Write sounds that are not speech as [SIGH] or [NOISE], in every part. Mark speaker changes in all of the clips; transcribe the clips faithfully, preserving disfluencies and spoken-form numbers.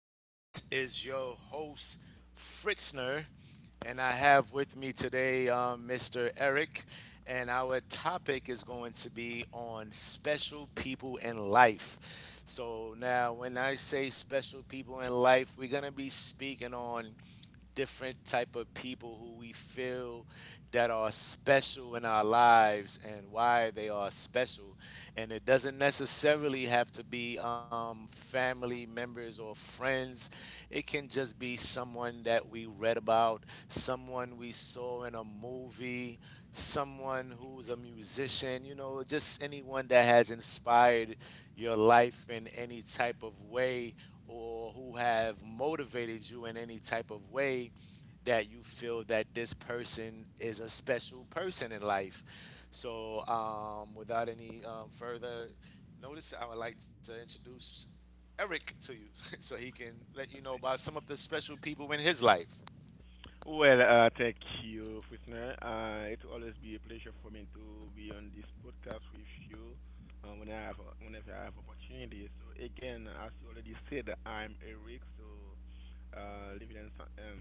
Speaker 1: and this is your host, Fritzner, and I have with me today um, Mister Eric, and our topic is going to be on special people in life. So now when I say special people in life, we're going to be speaking on different type of people who we feel that are special in our lives and why they are special, and it doesn't necessarily have to be um, family members or friends. It can just be someone that we read about, someone we saw in a movie, someone who's a musician, you know, just anyone that has inspired your life in any type of way, or who have motivated you in any type of way, that you feel that this person is a special person in life. So, um, without any um, further notice, I would like to introduce Eric to you [LAUGHS] so he can let you know about some of the special people in his life.
Speaker 2: Well, uh, thank you, Fusner. Uh, it will always be a pleasure for me to be on this podcast with you uh, when I have whenever I have opportunity. So again, as you already said, I'm Eric. So uh, living in San, um,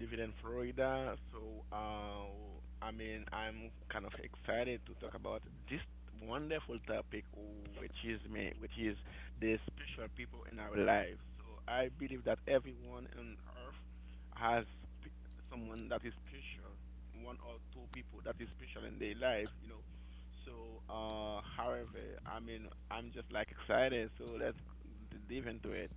Speaker 2: living in Florida. So uh, I mean, I'm kind of excited to talk about this wonderful topic, which is me, which is the special people in our lives. So I believe that everyone on earth has p- someone that is special, one or two people that is special in their life, you know. So, uh, however, I mean, I'm just like excited. So let's d- dive into it.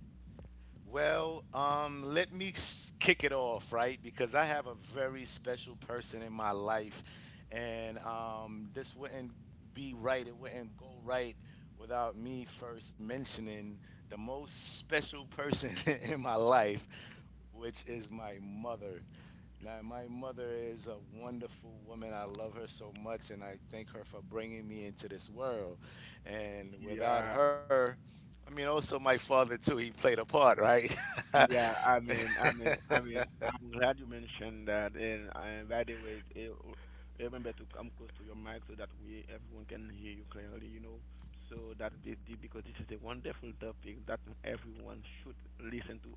Speaker 1: Well, um, let me s- kick it off, right? Because I have a very special person in my life, and um, this wouldn't be right. It wouldn't go right without me first mentioning the most special person [LAUGHS] in my life, which is my mother. Now, my mother is a wonderful woman. I love her so much, and I thank her for bringing me into this world. And without
Speaker 2: Yeah.
Speaker 1: her, I mean, also my father too. He played a part, right? [LAUGHS]
Speaker 2: Yeah, I mean, I mean, I mean, I'm glad you mentioned that. And, uh by the way, eh, r- remember to come close to your mic so that we everyone can hear you clearly. You know, so that be, be- because this is a wonderful topic that everyone should listen to.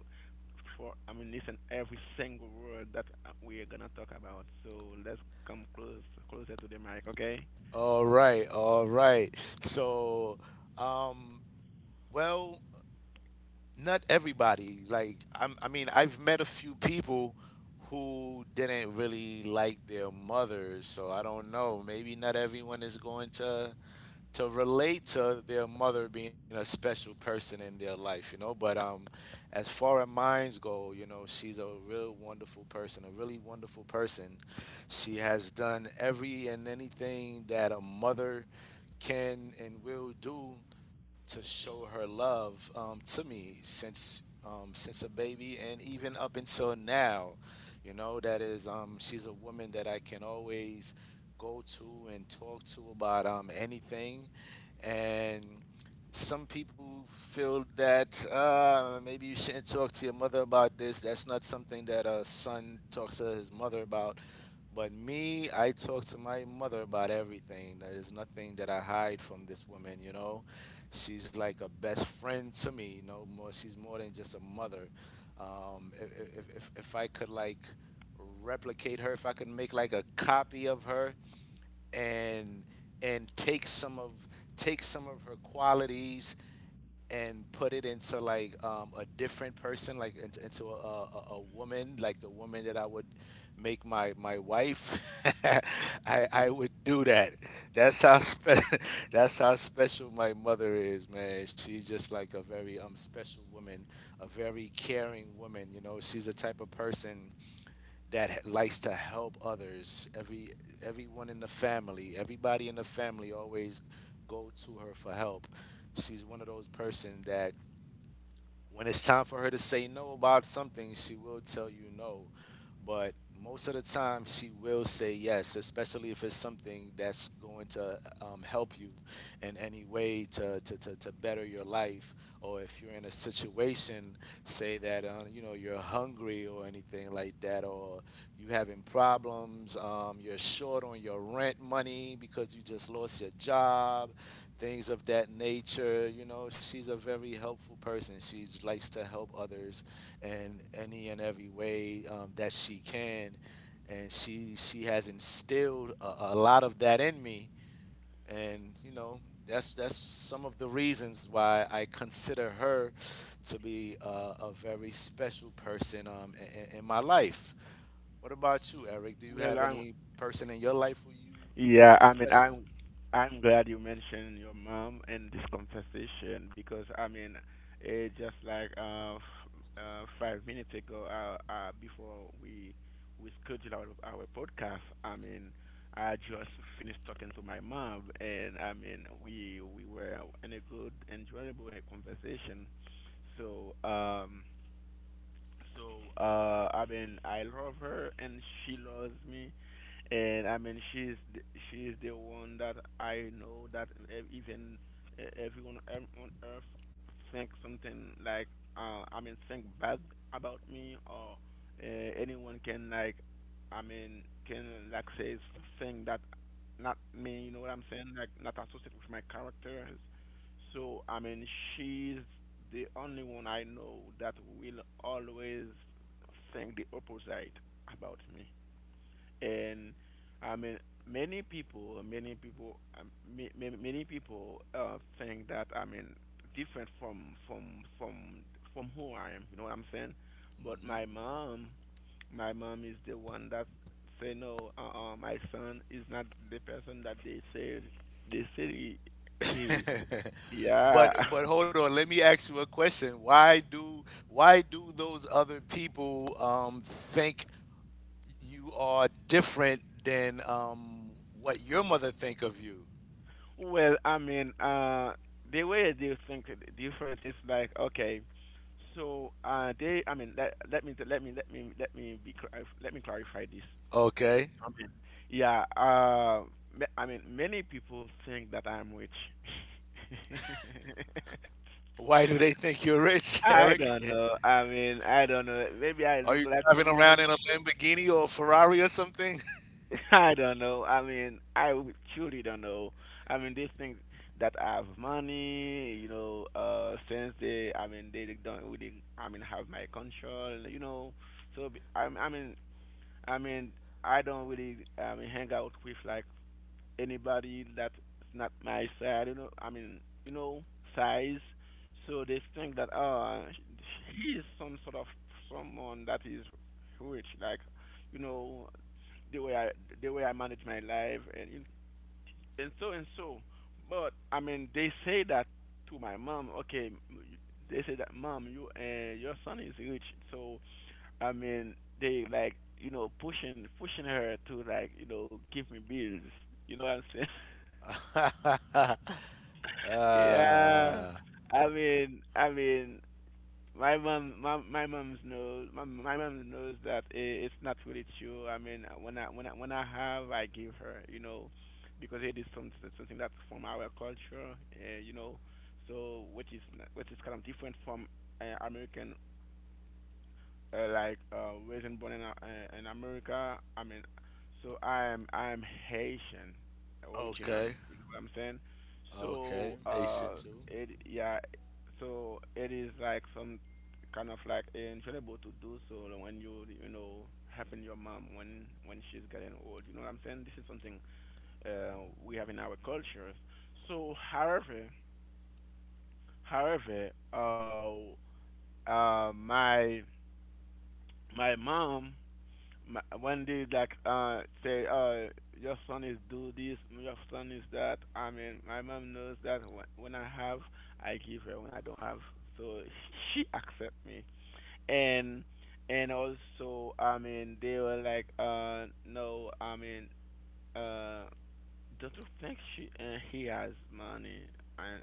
Speaker 2: For I mean, listen every single word that uh, we are gonna talk about. So let's come close closer to the mic, okay?
Speaker 1: All right, all right. So, um, well, not everybody. Like, I'm, I mean, I've met a few people who didn't really like their mothers. So I don't know. Maybe not everyone is going to to relate to their mother being a special person in their life, you know. But um, as far as mines go, you know, she's a real wonderful person, a really wonderful person. She has done every and anything that a mother can and will do to show her love, um, to me since um, since a baby and even up until now. You know that is, um, she's a woman that I can always go to and talk to about, um, anything, and some people feel that uh, maybe you shouldn't talk to your mother about this. That's not something that a son talks to his mother about. But me, I talk to my mother about everything. There is nothing that I hide from this woman, you know. She's like a best friend to me, you know. More, she's more than just a mother. Um, if, if, if if I could like replicate her, if I could make like a copy of her and and take some of take some of her qualities and put it into like, um, a different person, like into, into a, a, a woman, like the woman that I would make my my wife, [LAUGHS] I I
Speaker 2: [LAUGHS]
Speaker 1: would do that. That's how spe- [LAUGHS] that's how special my mother is, man. She's just like a very um special woman, a very caring woman. You know, she's the type of person that likes to help others. Every everyone in the family, everybody in the family always go to her for help. She's one of those person that when it's time for her to say no about something, she will tell you no. But most of the time, she will say yes, especially if it's something that's going to, um, help you in any way to, to, to, to better your life. Or if you're in a situation, say that uh, you know, you're hungry or anything like that, or you having problems, um, you're short on your rent money because you just lost your job, things of that nature. You know, she's a very helpful person. She likes to help others in any and every way, um, that she can, and she she has instilled a, a lot of that in me. And you know, that's that's some of the reasons why I consider her to be uh, a very special person, um, in, in my life. What about you, Eric? Do you
Speaker 2: Well,
Speaker 1: have
Speaker 2: I'm.
Speaker 1: any person in your life who you
Speaker 2: Yeah,
Speaker 1: consider
Speaker 2: I mean,
Speaker 1: special?
Speaker 2: I'm I'm glad you mentioned your mom in this conversation because I mean, it just like uh, f- uh five minutes ago, uh, uh before we we scheduled our our podcast, I mean, I just finished talking to my mom, and I mean, we we were in a good, enjoyable uh, conversation. So um so uh, I mean, I love her and she loves me, and I mean, she's the, she's the one that I know that e- even e- everyone ev- on earth think something like uh, I mean think bad about me or uh, anyone can like I mean can like say something that not me. You know what I'm saying? Like not associated with my character. So I mean, she's the only one I know that will always think the opposite about me. And I mean, many people, many people, um, ma- ma- many people uh, think that I mean different from from from from who I am. You know what I'm saying? But my mom, my mom is the one that say no. Uh, uh my son is not the person that they say they say he he is.
Speaker 1: Hmm. [LAUGHS]
Speaker 2: Yeah.
Speaker 1: But but
Speaker 2: [LAUGHS]
Speaker 1: hold on, let me ask you a question. Why do why do those other people, um, think you are different than, um, what your mother think of you?
Speaker 2: Well, I mean, uh, the way they think the difference is like okay, so uh, they, I mean, let let me let me let me let me be clarif- let me clarify this.
Speaker 1: Okay.
Speaker 2: I mean, yeah, uh, ma- I mean, many people think that I'm rich. [LAUGHS]
Speaker 1: Why do they think you're rich, [LAUGHS]
Speaker 2: I
Speaker 1: Eric?
Speaker 2: don't know. I mean, I don't know. Maybe I
Speaker 1: Are
Speaker 2: look
Speaker 1: you
Speaker 2: like
Speaker 1: driving around
Speaker 2: someone.
Speaker 1: in a Lamborghini or a Ferrari or something?
Speaker 2: [LAUGHS] I don't know. I mean, I w- truly don't know. I mean, these things that have money, you know, uh, since they, I mean, they don't really, I mean, have my control, you know. So, b- I, I mean, I mean, I don't really, I mean, hang out with like anybody that's not my size, you know, I mean, you know, size. So they think that uh he is some sort of someone that is rich, like you know, the way I the way I manage my life and you and so and so. But I mean, they say that to my mom. Okay, m- they say that mom, you uh, your son is rich. So I mean, they like you know pushing pushing her to like you know give me bills. You know what I'm.
Speaker 1: [LAUGHS] uh,
Speaker 2: Yeah. I mean, I mean, my mom, my my mom's knows, my my mom knows that I it's not really true. I mean, when I when I when I have, I give her, you know, because it is some, something that's from our culture, uh, you know. So which is not- which is kind of different from uh, American uh, like uh, raised and born in uh, in America. I mean, so I am I am Haitian
Speaker 1: okay.
Speaker 2: originally. You know what I'm saying?
Speaker 1: Okay.
Speaker 2: So
Speaker 1: Haitian
Speaker 2: uh,
Speaker 1: too.
Speaker 2: it yeah, so it is like some kind of like enjoyable to do so when you you know helping your mom when when she's getting old. You know what I'm saying? This is something uh, we have in our cultures. So however, however, uh, uh, my my mom. Ma- When they like uh say uh your son is do this, your son is that. I mean, my mom knows that when when I have, I give her. When I don't have, so [LAUGHS] she accept me. And and also, I mean, they were like, uh, no, I mean, uh, don't you think she uh, he has money? I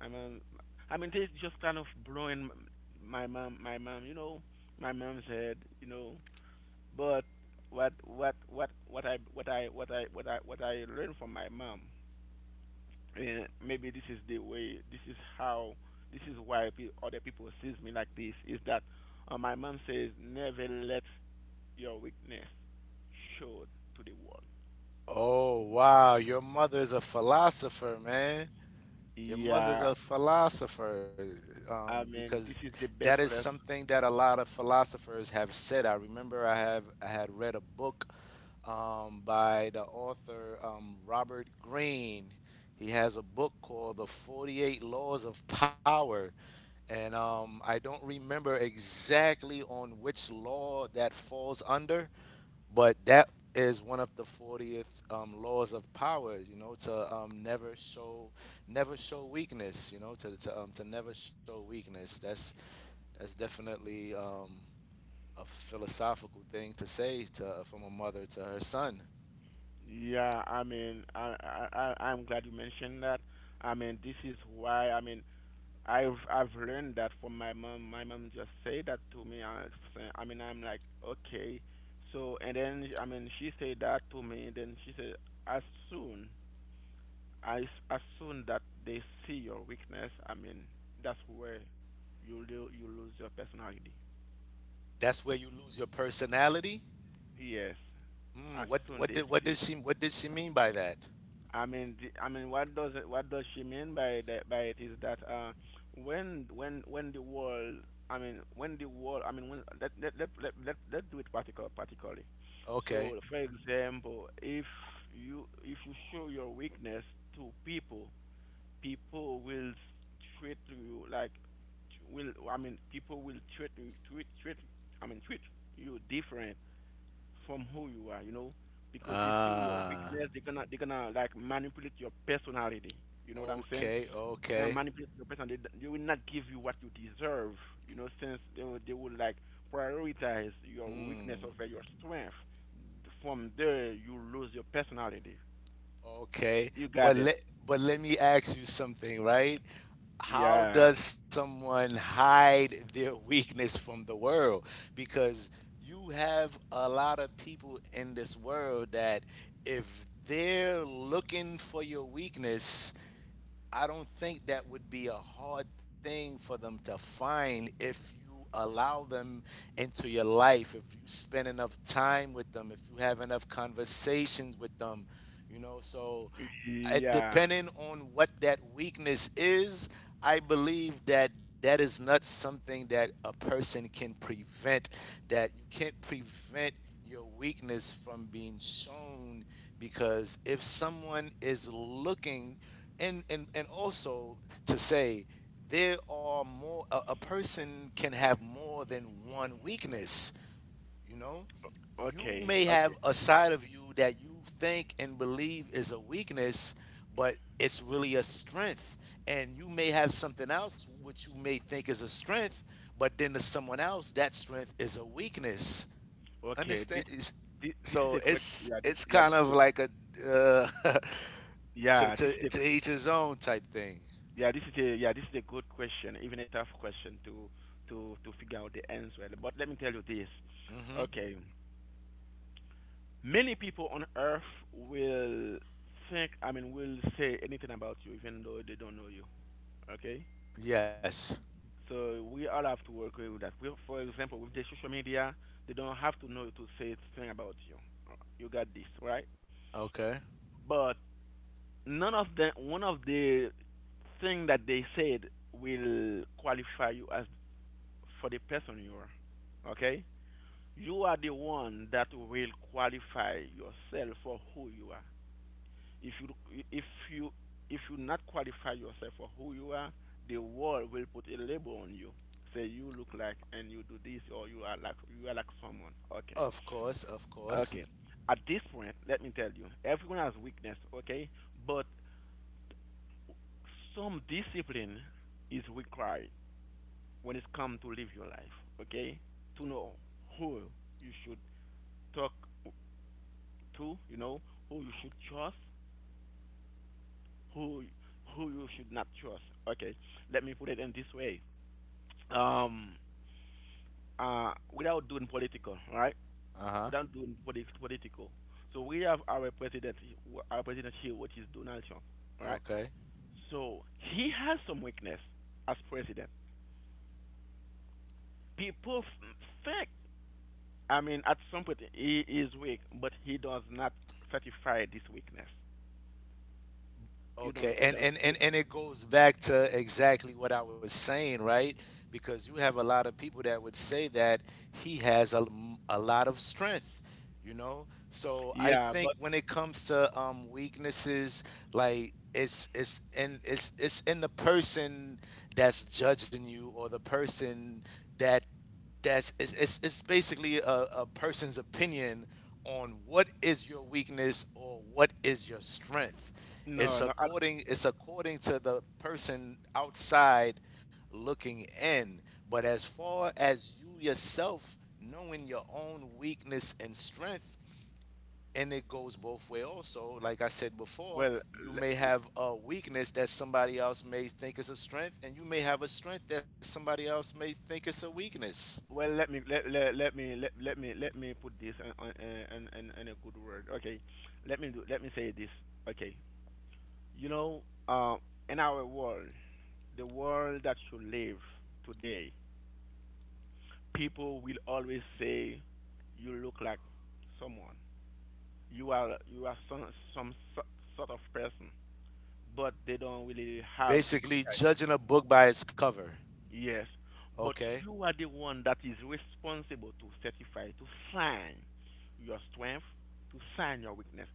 Speaker 2: my mom, I mean, they just kind of blowing m- my mom, my mom, you know, my mom's head, you know, but what what what what I what I what I what I what I learned from my mom, and maybe this is the way, this is how, this is why pe- other people sees me like this, is that uh, my mom says never let your weakness show to the world.
Speaker 1: Oh wow, your mother's a philosopher, man. Your mother's
Speaker 2: Yeah,
Speaker 1: a philosopher, um,
Speaker 2: I mean
Speaker 1: because
Speaker 2: this is the
Speaker 1: that is
Speaker 2: best lesson.
Speaker 1: something that a lot of philosophers have said. I remember I have I had read a book, um, by the author, um, Robert Greene. He has a book called The forty-eight Laws of Power. And um, I don't remember exactly on which law that falls under, but that is one of the fortieth, um, laws of power, you know, to, um, never show, never show weakness, you know, to, to, um, to never show weakness. That's, that's definitely, um, a philosophical thing to say to, from a mother to her son.
Speaker 2: Yeah, I mean I I I- I'm glad you mentioned that. I mean this is why I mean I've I've learned that from my mom. My mom just said that to me. I, say- I mean, I'm like, okay. So and then I mean, she said that to me. And then she said, as soon as as soon that they see your weakness, I mean, that's where you lo- you lose your personality.
Speaker 1: That's where you lose your personality.
Speaker 2: Yes,
Speaker 1: Hmm,
Speaker 2: as
Speaker 1: what,
Speaker 2: soon
Speaker 1: what,
Speaker 2: they
Speaker 1: did, what, did
Speaker 2: see.
Speaker 1: she, what did she mean by that?
Speaker 2: I mean, the- I mean, what does it, what does she mean by that? By it is that uh, when when when the world, I mean, when the world, I mean, when let let let let let, let do it particular particularly. So,
Speaker 1: Okay.
Speaker 2: for example, if you if you show your weakness to people, people will treat you like will I mean, people will treat you treat treat I mean treat you different from who you are, you know, because they see your
Speaker 1: Ah.
Speaker 2: weakness. They're gonna they're gonna like manipulate your personality. You know what I'm saying?
Speaker 1: Okay,
Speaker 2: They're gonna
Speaker 1: okay.
Speaker 2: manipulate your personality. They, they will not give you what you deserve. You know, since they will, they will like prioritize your weakness
Speaker 1: Hmm.
Speaker 2: over your strength. From there, you lose your personality.
Speaker 1: Okay,
Speaker 2: You
Speaker 1: but
Speaker 2: got it.
Speaker 1: let but let me ask you something, right? How
Speaker 2: Yeah.
Speaker 1: does someone hide their weakness from the world? Because you have a lot of people in this world that if they're looking for your weakness, I don't think that would be a hard thing for them to find if you allow them into your life, if you spend enough time with them, if you have enough conversations with them, you know. So, I-
Speaker 2: Yeah.
Speaker 1: depending on what that weakness is, I believe that that is not something that a person can prevent, that you can't prevent your weakness from being shown, because if someone is looking, and and, and also, to say there are more, a, a person can have more than one weakness, you know. You
Speaker 2: Okay.
Speaker 1: may
Speaker 2: Okay.
Speaker 1: have a side of you that you think and believe is a weakness, but it's really a strength, and you may have something else which you may think is a strength, but then to someone else that strength is a weakness.
Speaker 2: Okay.
Speaker 1: understand
Speaker 2: This,
Speaker 1: is-
Speaker 2: this, this is
Speaker 1: so
Speaker 2: a great.
Speaker 1: it's
Speaker 2: Yeah. This,
Speaker 1: it's
Speaker 2: yeah.
Speaker 1: kind
Speaker 2: This
Speaker 1: of
Speaker 2: is
Speaker 1: like a, uh, [LAUGHS]
Speaker 2: a.
Speaker 1: to,
Speaker 2: Yeah. This
Speaker 1: to
Speaker 2: is a.
Speaker 1: to each his own type thing.
Speaker 2: Yeah, this is a yeah, this is a good question, even a tough question to to to figure out the answer. But let me tell you this. Okay, many people on Earth will think, I mean, will say anything about you, even though they don't know you. Okay,
Speaker 1: Yes.
Speaker 2: so we all have to work with that. We, for example, with the social media, they don't have to know to say something about you. Uh, You got this, right?
Speaker 1: Okay.
Speaker 2: But none of the one of the thing that they said will qualify you as for the person you are. Okay? You are the one that will qualify yourself for who you are. If you if you if you not qualify yourself for who you are, the world will put a label on you. Say you look like and you do this or you are like you are like someone. Okay.
Speaker 1: Of course, of course.
Speaker 2: Okay. At this point, let me tell you, everyone has weakness, okay? But some discipline is required when it comes to live your life, okay? To know who you should talk to, you know, who you should trust, who who you should not trust. Okay, let me put it in this way. Um, uh, without doing political, right?
Speaker 1: Uh-huh.
Speaker 2: Without doing polit- political. So we have our president, our president here, which is Donald Trump, right?
Speaker 1: Okay.
Speaker 2: So he has some weakness as president. People f- think, I mean, at some point he is weak, but he does not certify this weakness. You don't,
Speaker 1: Okay,
Speaker 2: you
Speaker 1: and,
Speaker 2: don't,
Speaker 1: and,
Speaker 2: you,
Speaker 1: and, and it goes back to exactly what I was saying, right? Because you have a lot of people that would say that he has a a lot of strength, you know? So I
Speaker 2: yeah,
Speaker 1: think
Speaker 2: but
Speaker 1: when it comes to, um, weaknesses, like it's it's and it's it's in the person that's judging you, or the person that that's it's, it's, it's basically a, a person's opinion on what is your weakness or what is your strength. it's
Speaker 2: no, no.
Speaker 1: according it's according to the person outside looking in, but as far as you yourself knowing your own weakness and strength, and it goes both way also, like I said before,
Speaker 2: Well,
Speaker 1: you may
Speaker 2: le-
Speaker 1: have a weakness that somebody else may think is a strength, and you may have a strength that somebody else may think is a weakness.
Speaker 2: well, let me let let, let me let, let me let me put this in, on- uh, in, in, in a good word. Okay, let me do let me say this. Okay, you know, uh, in our world, the world that you live today, people will always say you look like someone. You are you are some some so- sort of person, but they don't really have the.
Speaker 1: Basically judging a book by its cover.
Speaker 2: Yes, but
Speaker 1: Okay.
Speaker 2: you are the one that is responsible to certify, to sign your strength, to sign your weakness.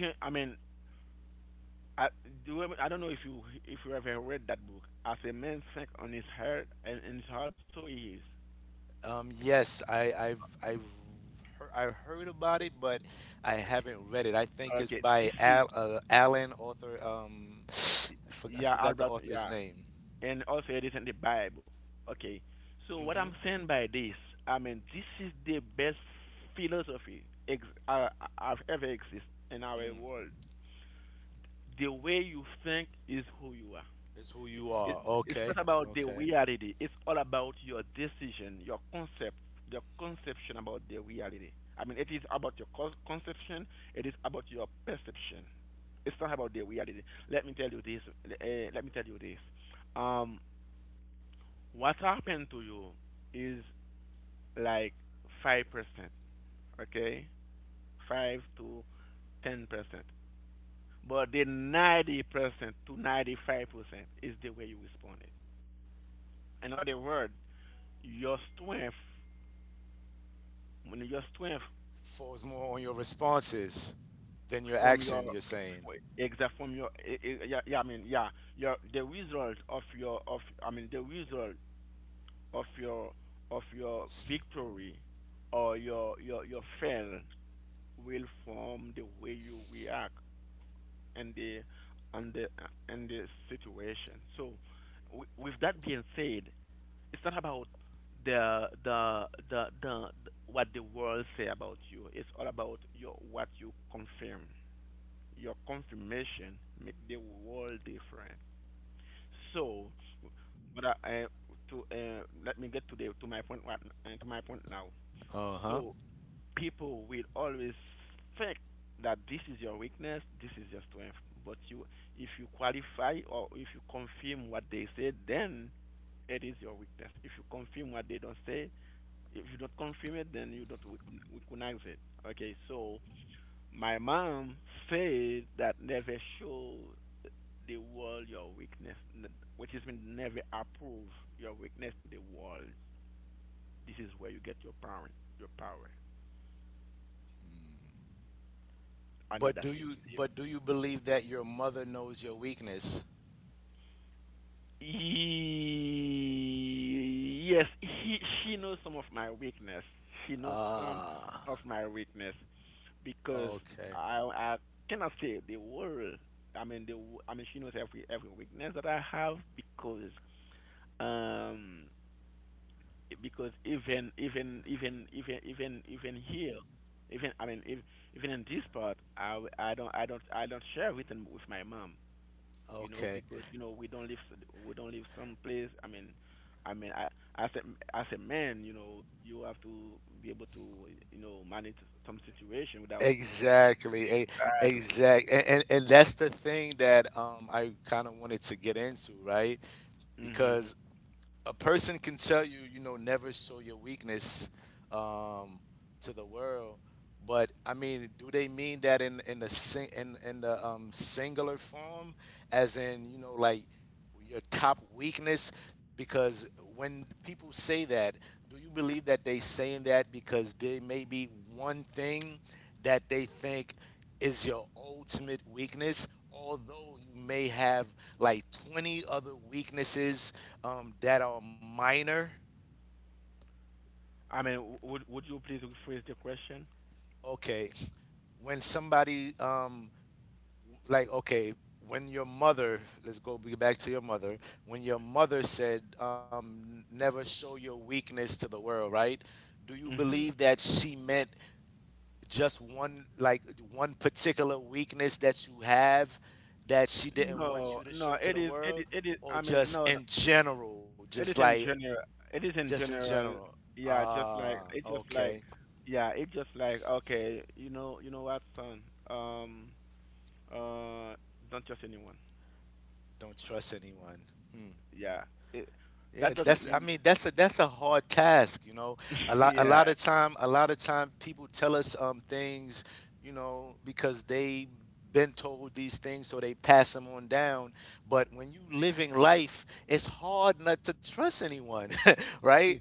Speaker 2: Ch- I mean, I, do you, ever- I don't know if you if you ever read that book. As a man think on his heart and in his heart, so he is.
Speaker 1: Um, yes, I, I've I've heard, I heard about it, but I haven't read it. I think it's
Speaker 2: Okay,
Speaker 1: by
Speaker 2: this is
Speaker 1: Al, uh, Alan author. Um, I, for, I
Speaker 2: yeah,
Speaker 1: forgot the
Speaker 2: Albert.
Speaker 1: author's
Speaker 2: Yeah,
Speaker 1: name.
Speaker 2: and also it is in the Bible. Okay, so
Speaker 1: Mm-hmm.
Speaker 2: what I'm saying by this, I mean, this is the best philosophy ex- uh, uh, I've ever exist in our
Speaker 1: Mm.
Speaker 2: world. The way you think is who you are.
Speaker 1: It's who you
Speaker 2: It,
Speaker 1: are.
Speaker 2: it's
Speaker 1: Okay.
Speaker 2: not about the
Speaker 1: Okay.
Speaker 2: reality. It's all about your decision, your concept, your conception about the reality. I mean, it is about your con- conception. It is about your perception. It's not about the reality. Let me tell you this. Uh, let me tell you this. Um, what happened to you is like five percent. Okay, five to ten percent, but the ninety percent to ninety-five percent is the way you responded. In other words, your strength, when your strength
Speaker 1: Falls more on your responses than your
Speaker 2: from your
Speaker 1: action, you're saying.
Speaker 2: exact from your eh, eh, yeah, yeah, yeah, I mean, yeah, your the result of your of I mean the result of your of your victory or your your your fail will form the way you react, and the and the and the situation. So, w- with that being said, it's not about the the the the what the world say about you. It's all about your what you confirm. Your confirmation make the world different. So, but I, I to uh, let me get to the to my point, right, uh, to my point now.
Speaker 1: Uh huh.
Speaker 2: So people will always think that this is your weakness, this is your strength. But you, if you qualify or if you confirm what they say, then it is your weakness. If you confirm what they don't say, if you don't confirm it, then you don't rec- recognize it. Okay, so my mom said that never show the world your weakness, n- which is mean never approve your weakness to the world. This is where you get your power. Your power. I know
Speaker 1: But
Speaker 2: that's
Speaker 1: do you
Speaker 2: sensitive.
Speaker 1: but do you believe that your mother knows your weakness?
Speaker 2: Ye- Yes, he, she knows some of my weakness. She knows some
Speaker 1: Ah.
Speaker 2: of my weakness because
Speaker 1: Okay.
Speaker 2: I I cannot say the world. I mean the w- I mean she knows every every weakness that I have because um because even even even even even even here, even I mean if, even in this part I w- I don't I don't I don't share with with my mom. You know,
Speaker 1: Okay.
Speaker 2: because you know we don't live we don't live someplace. I mean, I mean, I, as a as a man, you know, you have to be able to, you know, manage some situation without.
Speaker 1: Exactly. A,
Speaker 2: Exactly.
Speaker 1: exact. And, and and that's the thing that um I kind of wanted to get into, right?
Speaker 2: Hmm.
Speaker 1: Because a person can tell you, you know, never show your weakness, um to the world, but I mean, do they mean that in in the sing in in the, um singular form, as in, you know, like your top weakness? Because when people say that, do you believe that they saying that because there may be one thing that they think is your ultimate weakness, although you may have like twenty other weaknesses, um, that are minor.
Speaker 2: I mean, w- would would you please rephrase the question?
Speaker 1: Okay, when somebody, um, like okay, when your mother, let's go be back to your mother, when your mother said, um, never show your weakness to the world, right, do you
Speaker 2: Hmm.
Speaker 1: believe that she meant just one, like one particular weakness that you have that she didn't want
Speaker 2: No,
Speaker 1: you to
Speaker 2: no,
Speaker 1: show to
Speaker 2: it
Speaker 1: the
Speaker 2: is it
Speaker 1: world,
Speaker 2: is it is.
Speaker 1: or
Speaker 2: I mean,
Speaker 1: just
Speaker 2: no, no,
Speaker 1: in general, just
Speaker 2: it is
Speaker 1: like
Speaker 2: in general. It is
Speaker 1: just
Speaker 2: in
Speaker 1: in
Speaker 2: general.
Speaker 1: general
Speaker 2: Yeah, just like
Speaker 1: Ah,
Speaker 2: it just like
Speaker 1: okay.
Speaker 2: yeah, it just like okay, you know, you know what, son. Um, uh, don't trust anyone.
Speaker 1: Don't trust anyone.
Speaker 2: Yeah. It, that
Speaker 1: Yeah,
Speaker 2: doesn't
Speaker 1: that's, I
Speaker 2: mean
Speaker 1: mean, that's a that's a hard task, you know. A
Speaker 2: [LAUGHS]
Speaker 1: lot a lot
Speaker 2: yeah.
Speaker 1: of time a lot of time people tell us um things, you know, because they been told these things so they pass them on down, but when you living life, it's hard not to trust anyone, [LAUGHS] right?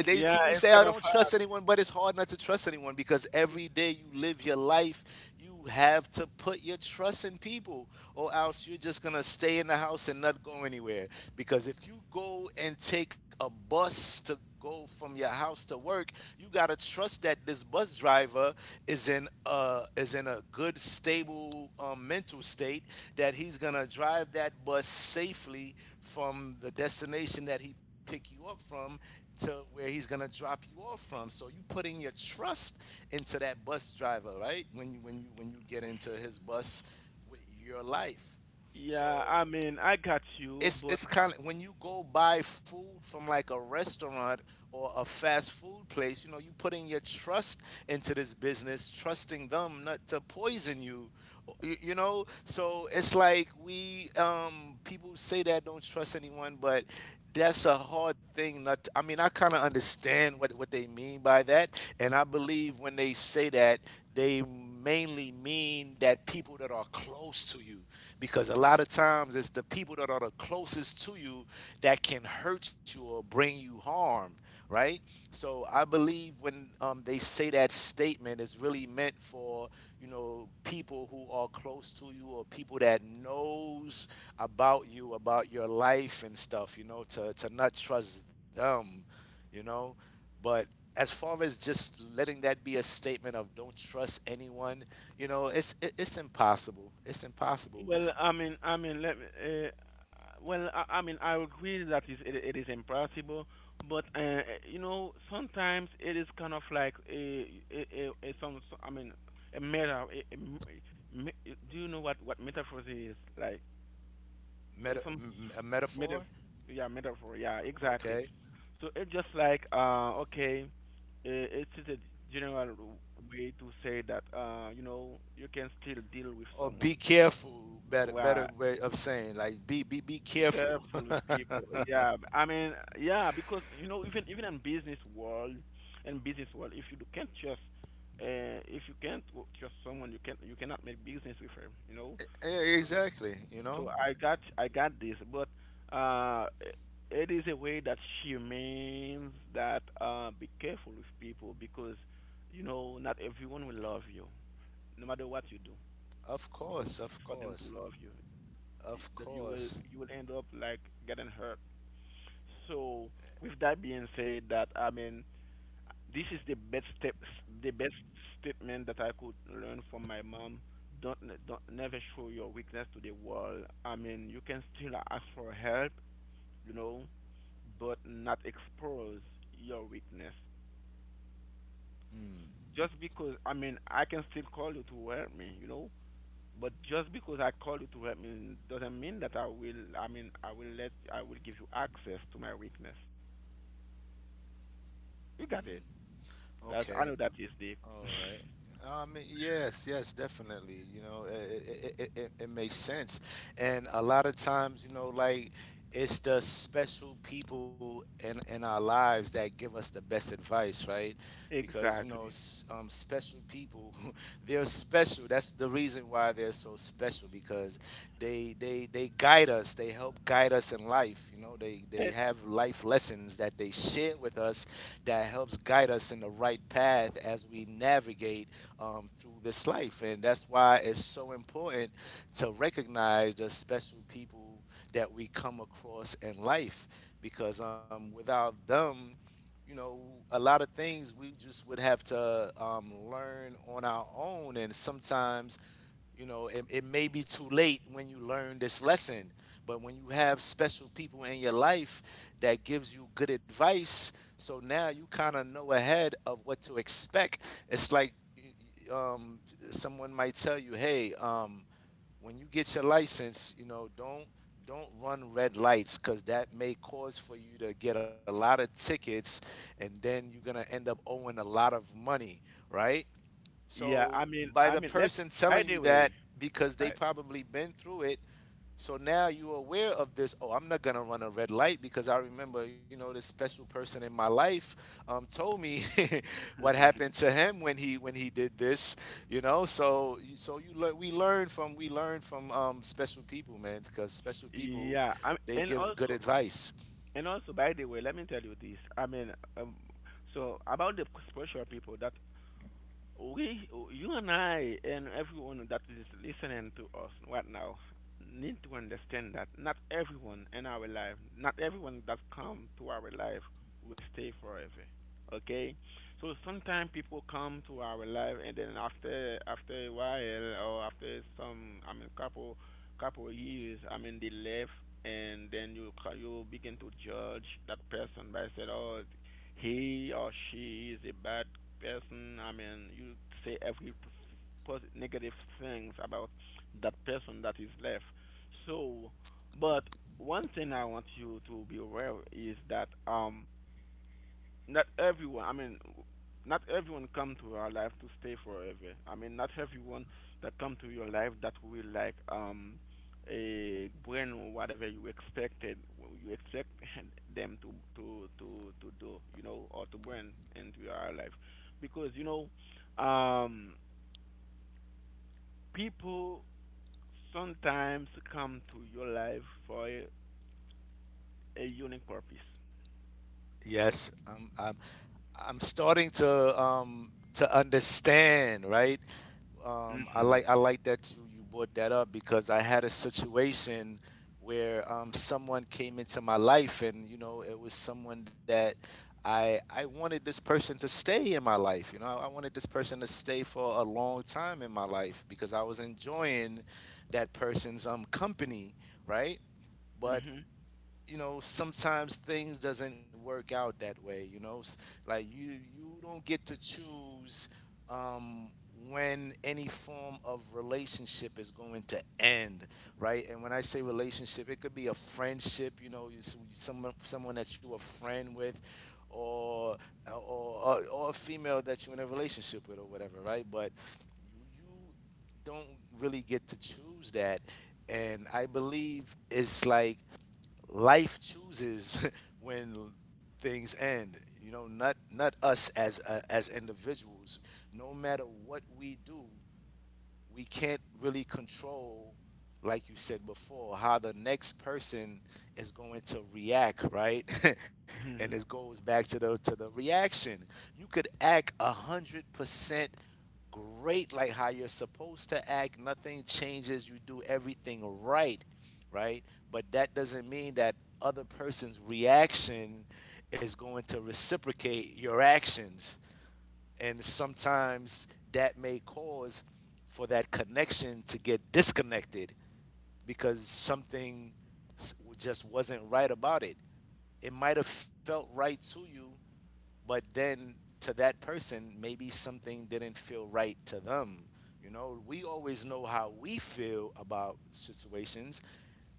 Speaker 1: They
Speaker 2: Yeah,
Speaker 1: people
Speaker 2: it's
Speaker 1: say
Speaker 2: kind
Speaker 1: I
Speaker 2: of
Speaker 1: don't
Speaker 2: uh,
Speaker 1: trust anyone, but it's hard not to trust anyone because every day you live your life, you have to put your trust in people, or else you're just gonna stay in the house and not go anywhere. Because if you go and take a bus to go from your house to work, you gotta trust that this bus driver is in a is in a good, stable um, mental state that he's gonna drive that bus safely from the destination that he picked you up from to where he's gonna drop you off from. So you putting your trust into that bus driver, right? When you when you when you get into his bus with your life.
Speaker 2: yeah,
Speaker 1: So
Speaker 2: I mean, I got you,
Speaker 1: it's
Speaker 2: but
Speaker 1: it's kind of when you go buy food from like a restaurant or a fast food place, you know, you putting your trust into this business, trusting them not to poison you, you, you know. So it's like we um, people say that don't trust anyone, but that's a hard thing not to. I mean I kind of understand what, what they mean by that, and I believe when they say that they mainly mean that people that are close to you, because a lot of times it's the people that are the closest to you that can hurt you or bring you harm, right? So I believe when um, they say that statement, it's really meant for, you know, people who are close to you or people that knows about you, about your life and stuff. You know, to to not trust them, you know. But as far as just letting that be a statement of don't trust anyone, you know, it's it, it's impossible. It's impossible.
Speaker 2: well, I mean, I mean, let me uh, well, I, I mean, I agree that is it, it is impossible, but uh, you know, sometimes it is kind of like a a, a, a some, some I mean, a meta a, a m- me- do you know what what metaphor is? Like
Speaker 1: Meta,
Speaker 2: it's some
Speaker 1: m- a
Speaker 2: metaphor,
Speaker 1: metaphor.
Speaker 2: yeah, metaphor, yeah,
Speaker 1: Okay.
Speaker 2: exactly. So it's just like uh, okay, uh, it's just a general way to say that uh, you know you can still deal with
Speaker 1: Or
Speaker 2: someone.
Speaker 1: be careful. Better,
Speaker 2: Well,
Speaker 1: better way of saying like be be be
Speaker 2: be
Speaker 1: careful.
Speaker 2: careful with
Speaker 1: [LAUGHS]
Speaker 2: people. Yeah, b- I mean, yeah, because you know even even in business world, in business world, if you do- can't trust, uh, if you can't w- trust someone, you can't you cannot make business with him. You know,
Speaker 1: Yeah,
Speaker 2: so,
Speaker 1: exactly. You
Speaker 2: so
Speaker 1: know,
Speaker 2: I got I got this, but uh, it is a way that she means that uh, be careful with people because you know not everyone will love you, no matter what you do.
Speaker 1: of
Speaker 2: To,
Speaker 1: course, of
Speaker 2: for them to
Speaker 1: course,
Speaker 2: love you, y-
Speaker 1: of
Speaker 2: that you will
Speaker 1: course.
Speaker 2: you will end up like getting hurt. So with that being said, that I mean this is the best step, the best statement that I could learn from my mom. Don't, ne- don't never show your weakness to the world. I mean, you can still ask for help, you know, but not expose your weakness. Just because, I mean, I can still call you to help me, you know, but just because I call you to help me doesn't mean that I will, I mean, I will let, I will give you access to my weakness. You got it. That's, I
Speaker 1: Okay.
Speaker 2: know that is the,
Speaker 1: All right. Um, yes, yes, definitely. You know, it, it, it, it makes sense. And a lot of times, you know, like it's the special people in, in our lives that give us the best advice, right? Because, you
Speaker 2: exactly.
Speaker 1: know, s- um, special people, [LAUGHS] they're special. That's the reason why they're so special because they, they, they guide us. They help guide us in life. You know, they, they have life lessons that they share with us that helps guide us in the right path as we navigate um, through this life. And that's why it's so important to recognize the special people that we come across in life because, um, without them, you know, a lot of things we just would have to um, learn on our own. And sometimes, you know, it, it may be too late when you learn this lesson, but when you have special people in your life that gives you good advice, so now you kind of know ahead of what to expect. It's like, um, someone might tell you, "Hey, um, when you get your license, you know, don't don't run red lights because that may cause for you to get a lot of tickets, and then you're gonna end up owing a lot of money, right?"
Speaker 2: Yeah, I
Speaker 1: So
Speaker 2: mean,
Speaker 1: by
Speaker 2: I
Speaker 1: the
Speaker 2: mean, let me,
Speaker 1: person
Speaker 2: by
Speaker 1: telling
Speaker 2: the
Speaker 1: you that,
Speaker 2: way,
Speaker 1: because they
Speaker 2: right?
Speaker 1: probably been through it, so now you're aware of this. Oh, I'm not gonna run a red light because I remember, you know, this special person in my life, um, told me [LAUGHS] what happened to him when he when he did this. You know, so so you learn. We learn from we learn from um, special people, man, because special people
Speaker 2: Yeah, I,
Speaker 1: they
Speaker 2: and
Speaker 1: give good
Speaker 2: also,
Speaker 1: advice.
Speaker 2: and also, by the way, let me tell you this. I mean, um, so about the special people, that we, you and I, and everyone that is listening to us right now, need to understand that not everyone in our life, not everyone that come to our life, will stay forever. Okay, so sometimes people come to our life, and then after after a while, or after some, I mean, couple couple of years, I mean, they left, and then you ca- you begin to judge that person by saying, oh, he or she is a bad person. I mean, you say every positive, negative things about that person that is left. So, but one thing I want you to be aware is that um not everyone, I mean, not everyone come to our life to stay forever. I mean not everyone that come to your life that will like um a bring whatever you expected you expect [LAUGHS] them to to to to do, you know, or to bring into your life, because you know, um people sometimes come to your life for a, a unique purpose.
Speaker 1: Yes. Um. I'm I'm starting to um to understand, right? Um, I
Speaker 2: Mhm.
Speaker 1: like I like that you, you brought that up because I had a situation where um someone came into my life, and you know it was someone that I I wanted this person to stay in my life. You know, I, I wanted this person to stay for a long time in my life because I was enjoying that person's um company, right? But
Speaker 2: Mhm.
Speaker 1: you know sometimes things doesn't work out that way, you know. S- like you you don't get to choose um when any form of relationship is going to end, right? And when I say relationship, it could be a friendship, you know, you, s- someone someone that you a friend with, or or, or or a female that you're in a relationship with or whatever, right? But you, you don't really get to choose that, and I believe it's like life chooses [LAUGHS] when things end. You know, not not us as uh, as individuals. No matter what we do, we can't really control, like you said before, how the next person is going to react, right? [LAUGHS] And it
Speaker 2: Mhm.
Speaker 1: goes back to the to the reaction. You could act a hundred percent great like how you're supposed to act, nothing changes, you do everything right, right? But that doesn't mean that other person's reaction is going to reciprocate your actions, and sometimes that may cause for that connection to get disconnected because something s- just wasn't right about it. It might have felt right to you, but then to that person maybe something didn't feel right to them. You know, we always know how we feel about situations,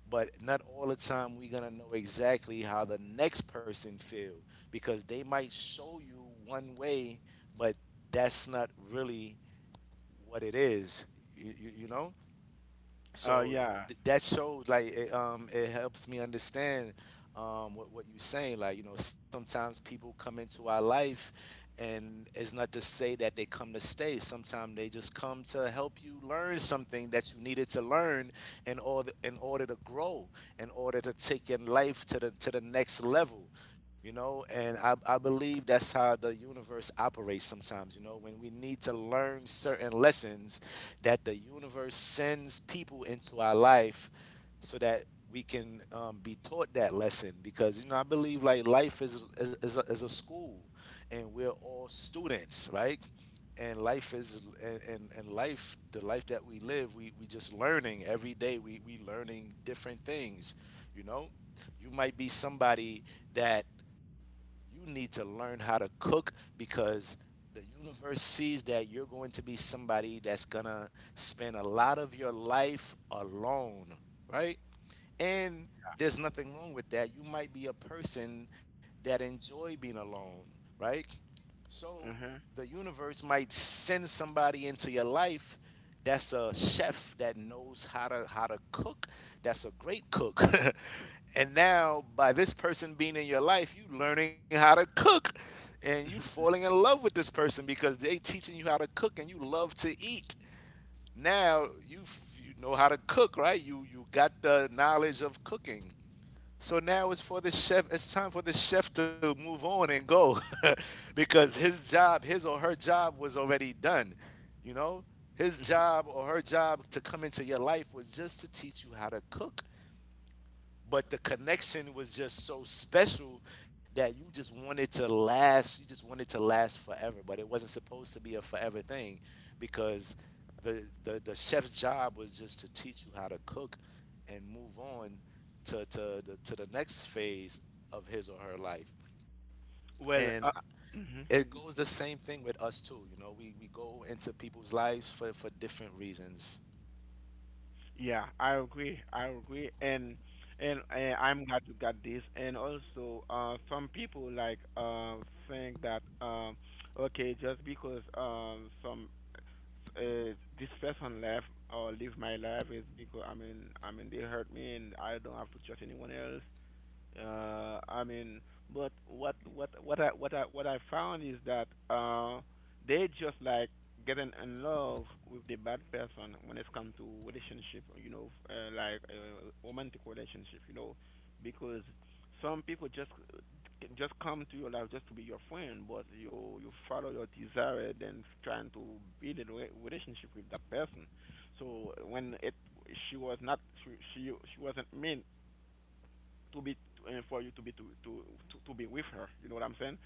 Speaker 1: but not all the time we're gonna know exactly how the next person feel, because they might show you one way, but that's not really what it is, you, you, you know.
Speaker 2: Oh,
Speaker 1: So
Speaker 2: yeah.
Speaker 1: th- that shows like, it, um it helps me understand um what, what you're saying, like you know sometimes people come into our life and it's not to say that they come to stay, sometimes they just come to help you learn something that you needed to learn in order in order to grow, in order to take your life to the to the next level, you know. And i, I believe that's how the universe operates. Sometimes, you know, when we need to learn certain lessons, that the universe sends people into our life so that we can, um, be taught that lesson, because you know I believe like life is is, is, a, is a school and we're all students, right? And life is and, and, and life the life that we live, we, we just learning every day, we, we learning different things, you know. You might be somebody that you need to learn how to cook because the universe sees that you're going to be somebody that's going to spend a lot of your life alone, right? And there's nothing wrong with that. You might be a person that enjoy being alone, right? So
Speaker 2: Mhm.
Speaker 1: the universe might send somebody into your life that's a chef that knows how to how to cook, that's a great cook. [LAUGHS] And now by this person being in your life, you learning how to cook and you falling in love with this person because they teaching you how to cook and you love to eat. Now you f- you know how to cook, right? You you got the knowledge of cooking. So now it's for the chef. It's time for the chef to move on and go, [LAUGHS] because his job, his or her job, was already done. You know, his job or her job to come into your life was just to teach you how to cook, but the connection was just so special that you just wanted to last you just wanted to last forever, but it wasn't supposed to be a forever thing because the the, the chef's job was just to teach you how to cook and move on to to the, to the next phase of his or her life, and
Speaker 2: Well,
Speaker 1: I-
Speaker 2: uh, mhm.
Speaker 1: it goes the same thing with us too, you know, we we go into people's lives for for different reasons.
Speaker 2: Yeah, I agree. I agree, and and uh, I'm glad you got this. And also, uh, some people like uh think that um, okay, just because um some uh, this person left or live my life is because I mean I mean they hurt me and I don't have to trust anyone else. Uh, I mean, but what what what I what I what I found is that uh, they just like getting in love with the bad person when it's come to relationship, you know, f- uh, like uh, romantic relationship, you know, because some people just just come to your life just to be your friend, but you you follow your desire and then trying to build a re- relationship with that person. So when it she was not she she, she wasn't meant to be uh, for you to be to, to to to be with her. You know what I'm saying?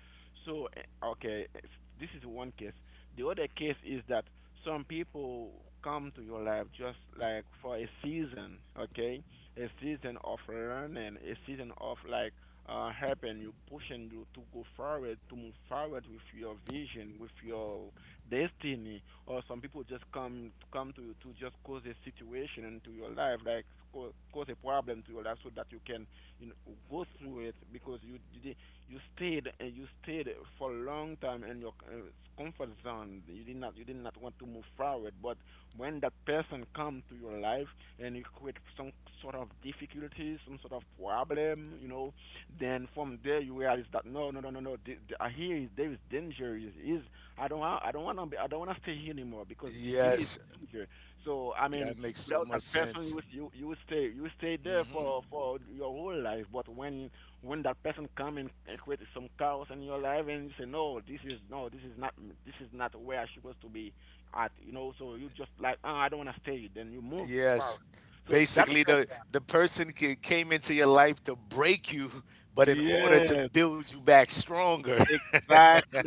Speaker 2: So uh, okay, it's- this is one case. The other case is that some people come to your life just like for a season, okay, a season of learning, a season of like uh, helping you, pushing you to go forward, to move forward with your vision, with your destiny. Or some people just come come to you to just cause a situation into your life, like co- cause a problem to your life, so that you can, you know, go through it because you you did, you stayed and you stayed for a long time in your uh, comfort zone. You did not you did not want to move forward. But when that person come to your life and you create some sort of difficulties, some sort of problem, you know, then from there you realize that no no no no no, th- th- I hear is- there is danger. Is is I don't wa- I don't want to I don't want to stay here anymore because the- he is
Speaker 1: Yes,
Speaker 2: danger. So I mean
Speaker 1: that makes so
Speaker 2: without that
Speaker 1: much
Speaker 2: person you
Speaker 1: sense.
Speaker 2: s- you you will stay you will stay there for for your whole life, but when when that person come and, and create some chaos in your life, and you say no, this is no, this is not this is not where I supposed to be at, you know, so you just like, oh, I don't want to stay, then you move far.
Speaker 1: Yes.
Speaker 2: So that
Speaker 1: Basically, the
Speaker 2: person.
Speaker 1: the person ca- came into your life to break you, but in order to
Speaker 2: Yes,
Speaker 1: build you back stronger.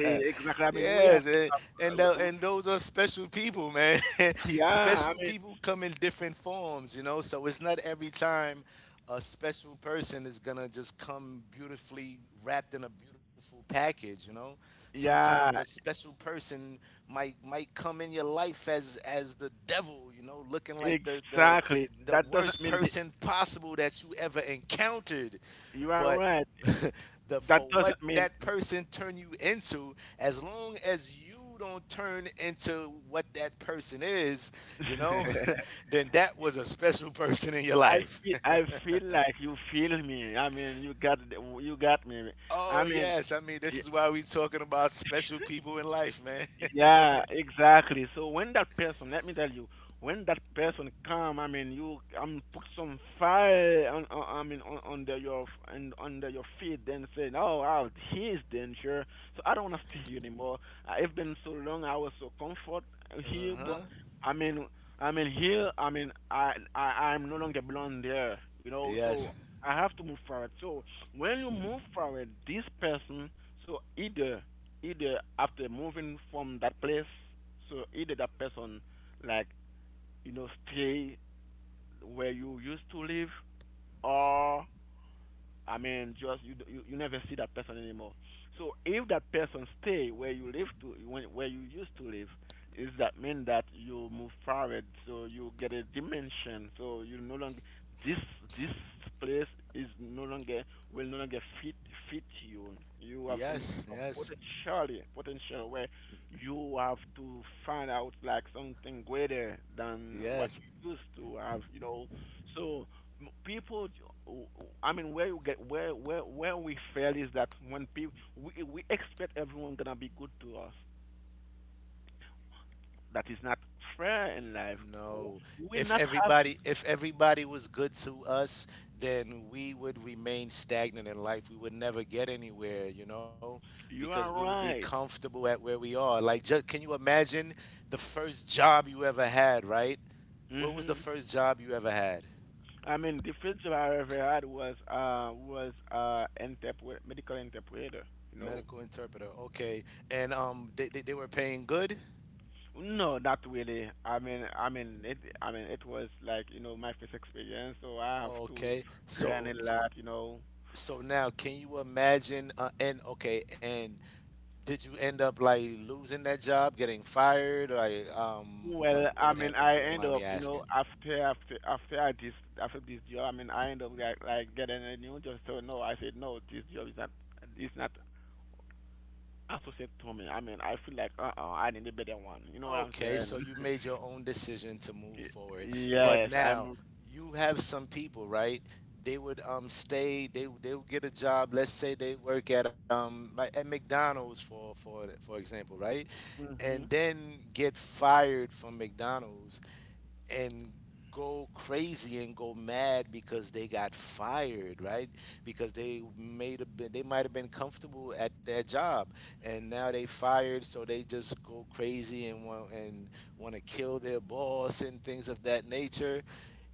Speaker 1: [LAUGHS]
Speaker 2: exactly. I mean we have
Speaker 1: Yes, and and,
Speaker 2: w-
Speaker 1: tho-
Speaker 2: w-
Speaker 1: and those are special people, man. [LAUGHS]
Speaker 2: yeah, I
Speaker 1: Special
Speaker 2: mean,
Speaker 1: people come in different forms, you know. So it's not every time a special person is gonna just come beautifully wrapped in a beautiful package. You know, sometimes a
Speaker 2: yeah,
Speaker 1: special person might might come in your life as as the devil. You know, looking like the the
Speaker 2: exactly,
Speaker 1: the
Speaker 2: that doesn't
Speaker 1: worst
Speaker 2: mean the,
Speaker 1: person possible that you ever encountered,
Speaker 2: you are
Speaker 1: but
Speaker 2: right,
Speaker 1: [LAUGHS] the
Speaker 2: that
Speaker 1: for what
Speaker 2: doesn't mean
Speaker 1: that person turn you into, as long as you don't turn into what that person is, you know,
Speaker 2: [LAUGHS]
Speaker 1: [LAUGHS] then that was a special person in your
Speaker 2: I
Speaker 1: life.
Speaker 2: feel I feel like you feel me. I mean, you got you got me. I
Speaker 1: Oh
Speaker 2: mean,
Speaker 1: yes, I mean this is why we talking about special people in life, man. [LAUGHS]
Speaker 2: yeah, exactly. So when that person, let me tell you, when that person come, I mean, you, I mean, put some fire on, on, I mean, on, under your, and under your feet, then say, oh, wow, he's danger. So I don't want to stay here anymore. I've been so long. I was so comfort uh, here, but
Speaker 1: Uh-huh.
Speaker 2: I mean, I mean here, I mean, I, I, I'm no longer belong there. You know, so
Speaker 1: Yes.
Speaker 2: I have to move forward. So when you move forward, this person, so either either after moving from that place, so either that person, like, you know stay where you used to live, or, I mean, just you, you you never see that person anymore. So if that person stay where you live to, when, where you used to live, is that mean that you move forward? So you get a dimension. So you no longer, this this place is no longer, will no longer fit fit you. You have
Speaker 1: Yes,
Speaker 2: some sort
Speaker 1: yes.
Speaker 2: of potential potential where you have to find out like something greater than what
Speaker 1: Yes.
Speaker 2: you used to have. You know, so people, I mean, where you get, where where where we fail is that when people we, we expect everyone gonna be good to us. That is not fair in life.
Speaker 1: No.
Speaker 2: We
Speaker 1: If
Speaker 2: not have
Speaker 1: everybody if everybody was good to us, then we would remain stagnant in life. We would never get anywhere, you know,
Speaker 2: to.
Speaker 1: because
Speaker 2: You
Speaker 1: we
Speaker 2: are
Speaker 1: would be
Speaker 2: right.
Speaker 1: comfortable at where we are. Like just can you imagine the first job you ever had, right? What was the
Speaker 2: Mhm.
Speaker 1: first job you ever had?
Speaker 2: I mean, the first job I ever had was, uh was uh interpret, medical interpreter you know
Speaker 1: Medical interpreter. Okay, and um, they, they, they were paying good.
Speaker 2: no, not really. I mean, i mean it i mean it was like, you know my first experience, so I have to
Speaker 1: Okay,
Speaker 2: learn a
Speaker 1: so
Speaker 2: lot you know
Speaker 1: so now can you imagine? Uh, and okay, and did you end up like losing that job, getting fired, like um, what
Speaker 2: Well, I
Speaker 1: what
Speaker 2: mean,
Speaker 1: happened? If
Speaker 2: I
Speaker 1: you don't
Speaker 2: end
Speaker 1: mind me
Speaker 2: up, you
Speaker 1: asking.
Speaker 2: know, after after after I this after this job, I mean, I end up, like like getting a new job. So no, I said no, this job is not, is not associated to me. I mean, I feel like, uh uh I need a better one. You know what I'm
Speaker 1: Okay, so you
Speaker 2: saying?
Speaker 1: made your own decision to
Speaker 2: [LAUGHS]
Speaker 1: move
Speaker 2: Y-
Speaker 1: forward, but
Speaker 2: yes,
Speaker 1: now
Speaker 2: I'm.
Speaker 1: you have some people, right? They would um stay. They would- they would get a job. Let's say they work at um like at McDonald's for for for example, right? And
Speaker 2: Mhm.
Speaker 1: then get fired from McDonald's and go crazy and go mad because they got fired, right? Because they made a bit, they might have been comfortable at their job, and now they fired, so they just go crazy and want and want to kill their boss and things of that nature.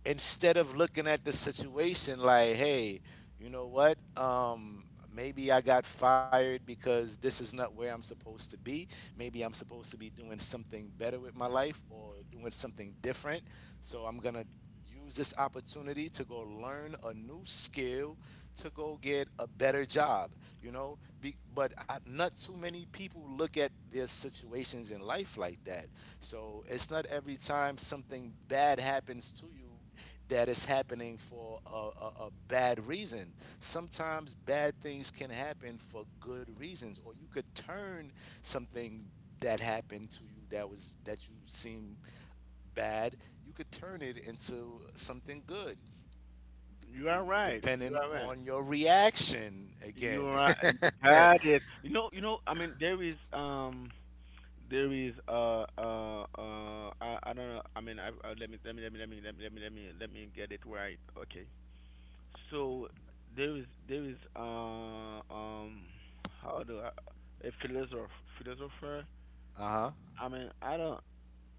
Speaker 1: Instead of looking at the situation like, hey, you know what? Um, maybe I got fired because this is not where I'm supposed to be. Maybe I'm supposed to be doing something better with my life or doing something different. So I'm going to use this opportunity to go learn a new skill, to go get a better job, you know? Be, but I, not too many people look at their situations in life like that. So it's not every time something bad happens to you that is happening for a, a, a bad reason. Sometimes bad things can happen for good reasons, or you could turn something that happened to you that was that you seem bad, you could turn it into something good,
Speaker 2: You are
Speaker 1: re-
Speaker 2: right. You
Speaker 1: depending
Speaker 2: are right.
Speaker 1: on your reaction.
Speaker 2: You
Speaker 1: Again.
Speaker 2: are.
Speaker 1: [LAUGHS]
Speaker 2: You got it. You know. You know. I mean, there is, um. There is, uh uh uh I, I don't know. I mean, I, uh, let me let me let me let me let me let me let me let me get it right, okay. So there is there is, uh um how do I, a philosopher philosopher.
Speaker 1: uh huh.
Speaker 2: I mean, I don't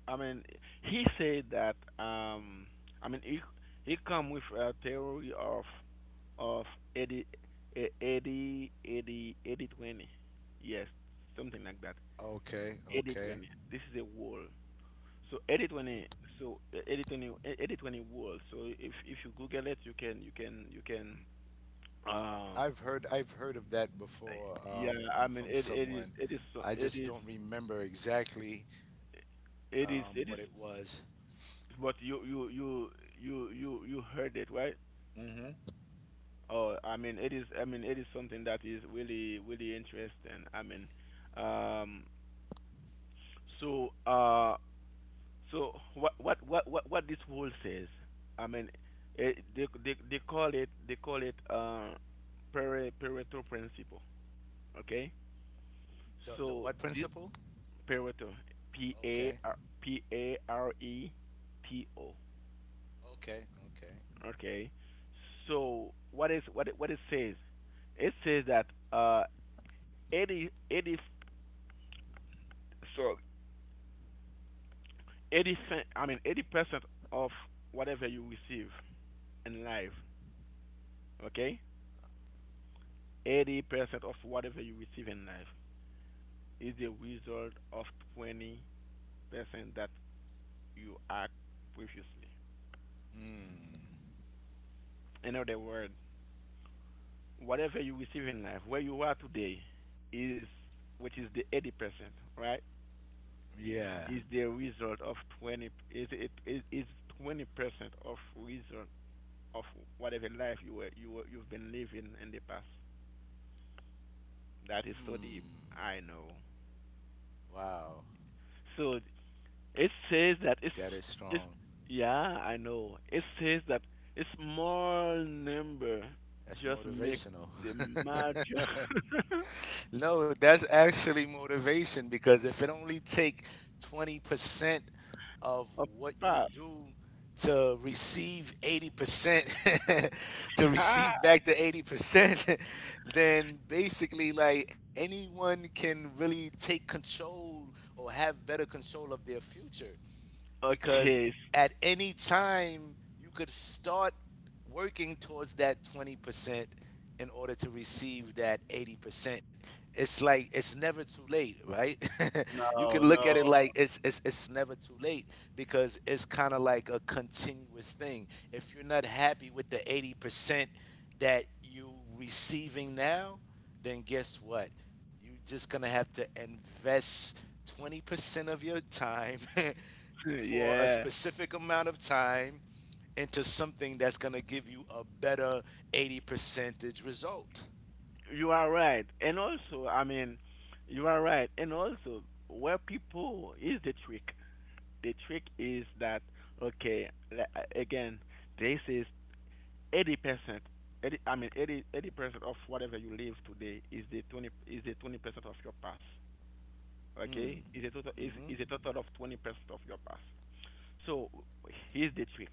Speaker 2: I mean he said that, um I mean, he he come with a theory of of eighty, eh, 80, eighty, eighty, twenty. Yes, something like that.
Speaker 1: Okay.
Speaker 2: eighty
Speaker 1: Okay.
Speaker 2: twenty. This is a wall. So eighty twenty. So, eh, eighty, twenty. eh, eighty, twenty wall. So if if you google it, you can, you can you can um
Speaker 1: I've heard I've heard of that before,
Speaker 2: Yeah,
Speaker 1: um, from
Speaker 2: I mean,
Speaker 1: from
Speaker 2: it it is
Speaker 1: someone.
Speaker 2: it is so-,
Speaker 1: I
Speaker 2: it
Speaker 1: just
Speaker 2: is
Speaker 1: don't remember exactly,
Speaker 2: it is
Speaker 1: um,
Speaker 2: it is,
Speaker 1: what it was.
Speaker 2: but you you you you you you heard it, right?
Speaker 1: Mm-hmm.
Speaker 2: Oh, I mean, it is I mean it is something that is really really interesting. I mean, um so uh so, what what what what, what this rule says? I mean, it, they they they call it, they call it uh pare, Pareto principle, okay?
Speaker 1: The the
Speaker 2: So
Speaker 1: what
Speaker 2: this
Speaker 1: principle?
Speaker 2: Pareto. P A
Speaker 1: Okay.
Speaker 2: R P A R E T O.
Speaker 1: Okay. Okay.
Speaker 2: Okay. So what is, what it, what it says? It says that, uh 80, eighty, so eighty, I mean, eighty percent of whatever you receive in life. Okay. eighty percent of whatever you receive in life is the result of twenty percent that you act previously.
Speaker 1: Hmm.
Speaker 2: In other words, whatever you receive in life, where you are today, is, which is the eighty percent, right?
Speaker 1: Yeah.
Speaker 2: Is the result of twenty, is it is is twenty percent of result of whatever life you were, you were you've been living in the past. That is so deep.
Speaker 1: Hmm.
Speaker 2: I know.
Speaker 1: Wow.
Speaker 2: So it says that, it's
Speaker 1: That is
Speaker 2: it's
Speaker 1: strong.
Speaker 2: yeah, I know. It says that a small number
Speaker 1: That's
Speaker 2: just make
Speaker 1: motivational.
Speaker 2: the
Speaker 1: [LAUGHS]
Speaker 2: major
Speaker 1: No, that's actually motivation, because if it only take twenty percent of
Speaker 2: [LAUGHS] of
Speaker 1: what you
Speaker 2: pass.
Speaker 1: do to receive eighty percent [LAUGHS] to receive
Speaker 2: [LAUGHS]
Speaker 1: back the eighty percent, [LAUGHS] then basically like anyone can really take control or have better control of their future, because
Speaker 2: Okay. s-
Speaker 1: at any time you could start working towards that twenty percent in order to receive that eighty percent. It's like it's never too late, right? [LAUGHS] You can
Speaker 2: No,
Speaker 1: look at it like
Speaker 2: no. [LAUGHS]
Speaker 1: it's it's it's never too late, because it's kind of like a continuous thing. If you're not happy with the eighty percent that you receiving now, then guess what? You are just gonna have to invest twenty percent of your time [LAUGHS] for a
Speaker 2: Yeah,
Speaker 1: specific amount of time into something that's gonna give you a better eighty percentage result.
Speaker 2: you are right. And also, I mean, you are right. And also, where people is the trick. The trick is that, okay, le- uh, again, this is eighty percent. eighty, I mean, eighty eighty percent of whatever you live today is the twenty, is the twenty percent of your past. Okay? Is a total, is,
Speaker 1: Hmm.
Speaker 2: is a total of twenty percent of your past. So, here's the trick.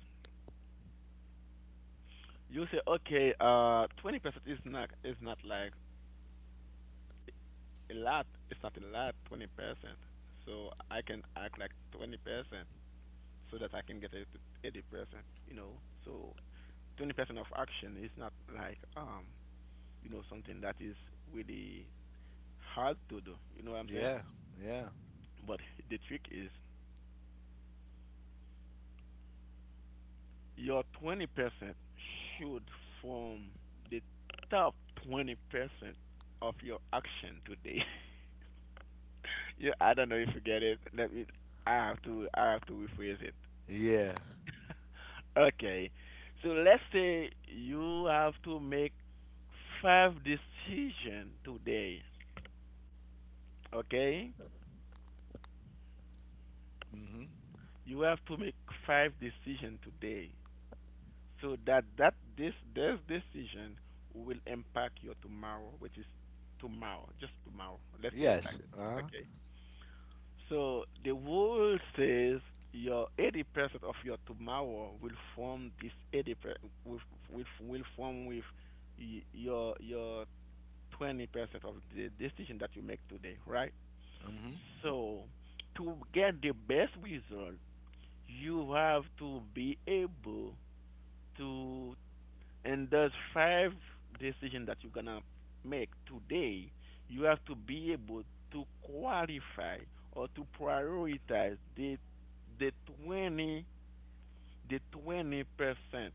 Speaker 2: You say, okay, uh twenty percent is not, is not like a lot. It's not a lot, twenty percent. So I can act like twenty percent, so that I can get it to eighty percent. You know, so twenty percent of action is not like, um you know something that is really hard to do. You know what I'm saying?
Speaker 1: Yeah, yeah,
Speaker 2: But the trick is, your twenty percent should form the top twenty percent of your action today. [LAUGHS] Yeah, I don't know if you get it. Let me. I have to. I have to rephrase it.
Speaker 1: yeah.
Speaker 2: Okay. So let's say you have to make five decisions today. Okay? You have to make five decisions today. So that, that this this decision will impact your tomorrow, which is tomorrow, just tomorrow. Let's say it
Speaker 1: Yes.
Speaker 2: like
Speaker 1: Uh-huh.
Speaker 2: this. Okay. So the world says your eighty percent of your tomorrow will form this eighty percent, will, will will form with, y- your your twenty percent of the decision that you make today, right?
Speaker 1: Hmm.
Speaker 2: So to get the best result, you have to be able to, and those five decisions that you're gonna make today, you have to be able to qualify or to prioritize the, the twenty, the twenty percent,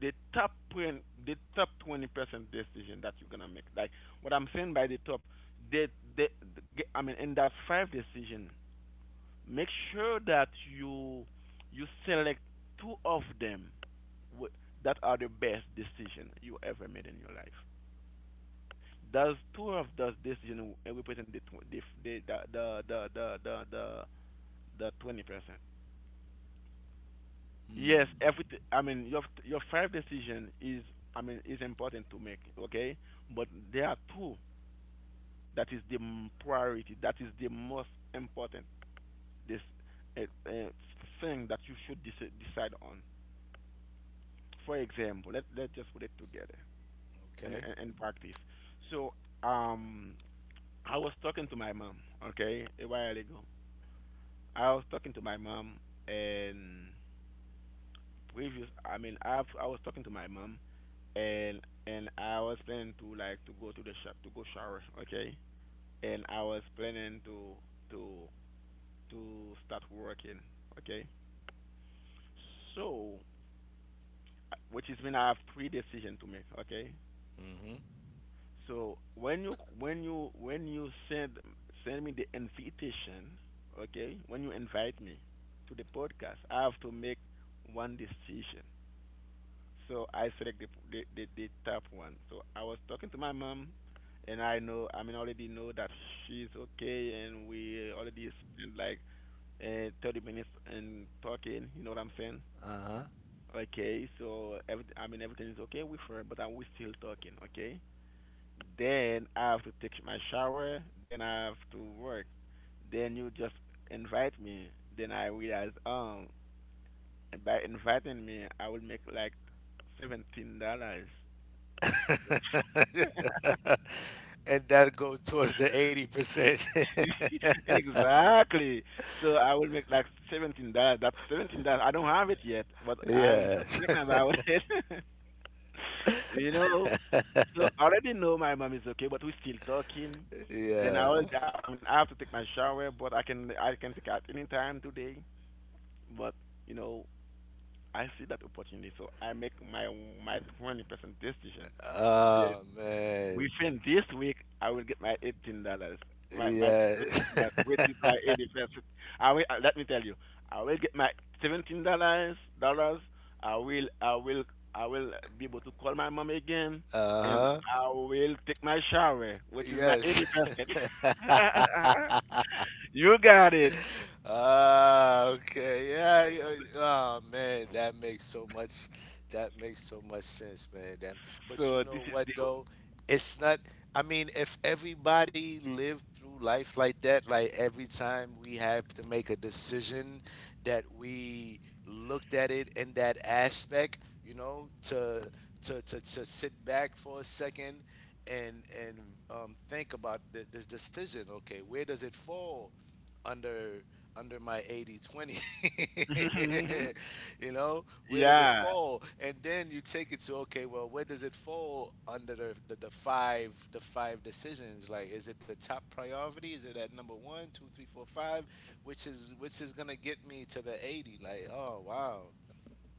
Speaker 2: the top twenty, the top twenty percent decision that you're gonna make. Like what I'm saying by the top, the, the, the I mean, in that five decision, make sure that you you select two of them, wh- that are the best decision you ever made in your life. Those two of those decisions, w- represent the, tw- the the the the the the the the twenty percent. Yes, everything. I mean, your your five decision is, I mean, is important to make. Okay, but there are two that is the, m- priority. That is the most important. This, uh, uh, thing that you should, deci- decide on. For example, let let's just put it together and,
Speaker 1: Okay.
Speaker 2: and, and practice. So, um, I was talking to my mom. Okay, a while ago, I was talking to my mom and previous. I mean, I've I was talking to my mom and, and I was planning to like to go to the shop, to go shower, okay? And I was planning to, to to start working, okay? So, which is when I have three decisions to make, okay?
Speaker 1: Hmm.
Speaker 2: So when you, when you when you send send me the invitation, okay? When you invite me to the podcast, I have to make one decision. So I select the, the the the top one. So I was talking to my mom, and I know, I mean, already know, that she's okay, and we already spent like, uh, thirty minutes and talking. You know what I'm saying?
Speaker 1: Uh-huh.
Speaker 2: Okay, so every, I mean everything is okay with her, but I'm we still talking. Okay. Then I have to take my shower. Then I have to work. Then you just invite me. Then I realize, um by inviting me I will make like seventeen dollars.
Speaker 1: And that goes towards the eighty percent.
Speaker 2: [LAUGHS] Exactly. So I will make like seventeen dollars. That's seventeen dollars. I don't have it yet, but
Speaker 1: [LAUGHS]
Speaker 2: I'm just
Speaker 1: Yes.
Speaker 2: thinking about [LAUGHS] it. [LAUGHS] You know, so I already know my mom is okay, but we're still talking.
Speaker 1: [LAUGHS]
Speaker 2: Then I
Speaker 1: Yeah.
Speaker 2: will. I, I mean, I have to take my shower, but I can I can take at any time today. But, you know, I see that opportunity, so I make my my twenty percent decision.
Speaker 1: Oh, man.
Speaker 2: Within this week, I will get my eighteen dollars. My my seventeen
Speaker 1: Yes. [LAUGHS]
Speaker 2: dollars, which is my eighty percent. I will. Uh, Let me tell you, I will get my seventeen dollars. Dollars. I will. I will. I will be able to call my mom again, and
Speaker 1: Uh-huh.
Speaker 2: I will take my shower, which is my
Speaker 1: Yes.
Speaker 2: eighty
Speaker 1: [LAUGHS]
Speaker 2: percent. [LAUGHS] You got it.
Speaker 1: Ah, okay. Yeah, yeah. Oh man, that makes so much. That makes so much sense, man. That. But you
Speaker 2: So
Speaker 1: know
Speaker 2: this is
Speaker 1: what though? It's not. I mean, if everybody lived through life like that, like every time we have to make a decision that we looked at it in that aspect, you know, to to to, to sit back for a second and and um, think about the, this decision. Okay, where does it fall under under my eighty twenty? [LAUGHS]
Speaker 2: the.
Speaker 1: You know,
Speaker 2: [LAUGHS]
Speaker 1: where does it
Speaker 2: yeah.
Speaker 1: fall, and then you take it to okay, well, where does it fall under the, the, the five the five decisions? Like, is it the top priority? Is it at number one two three four five, which is which is gonna get me to the eighty? Like, oh wow,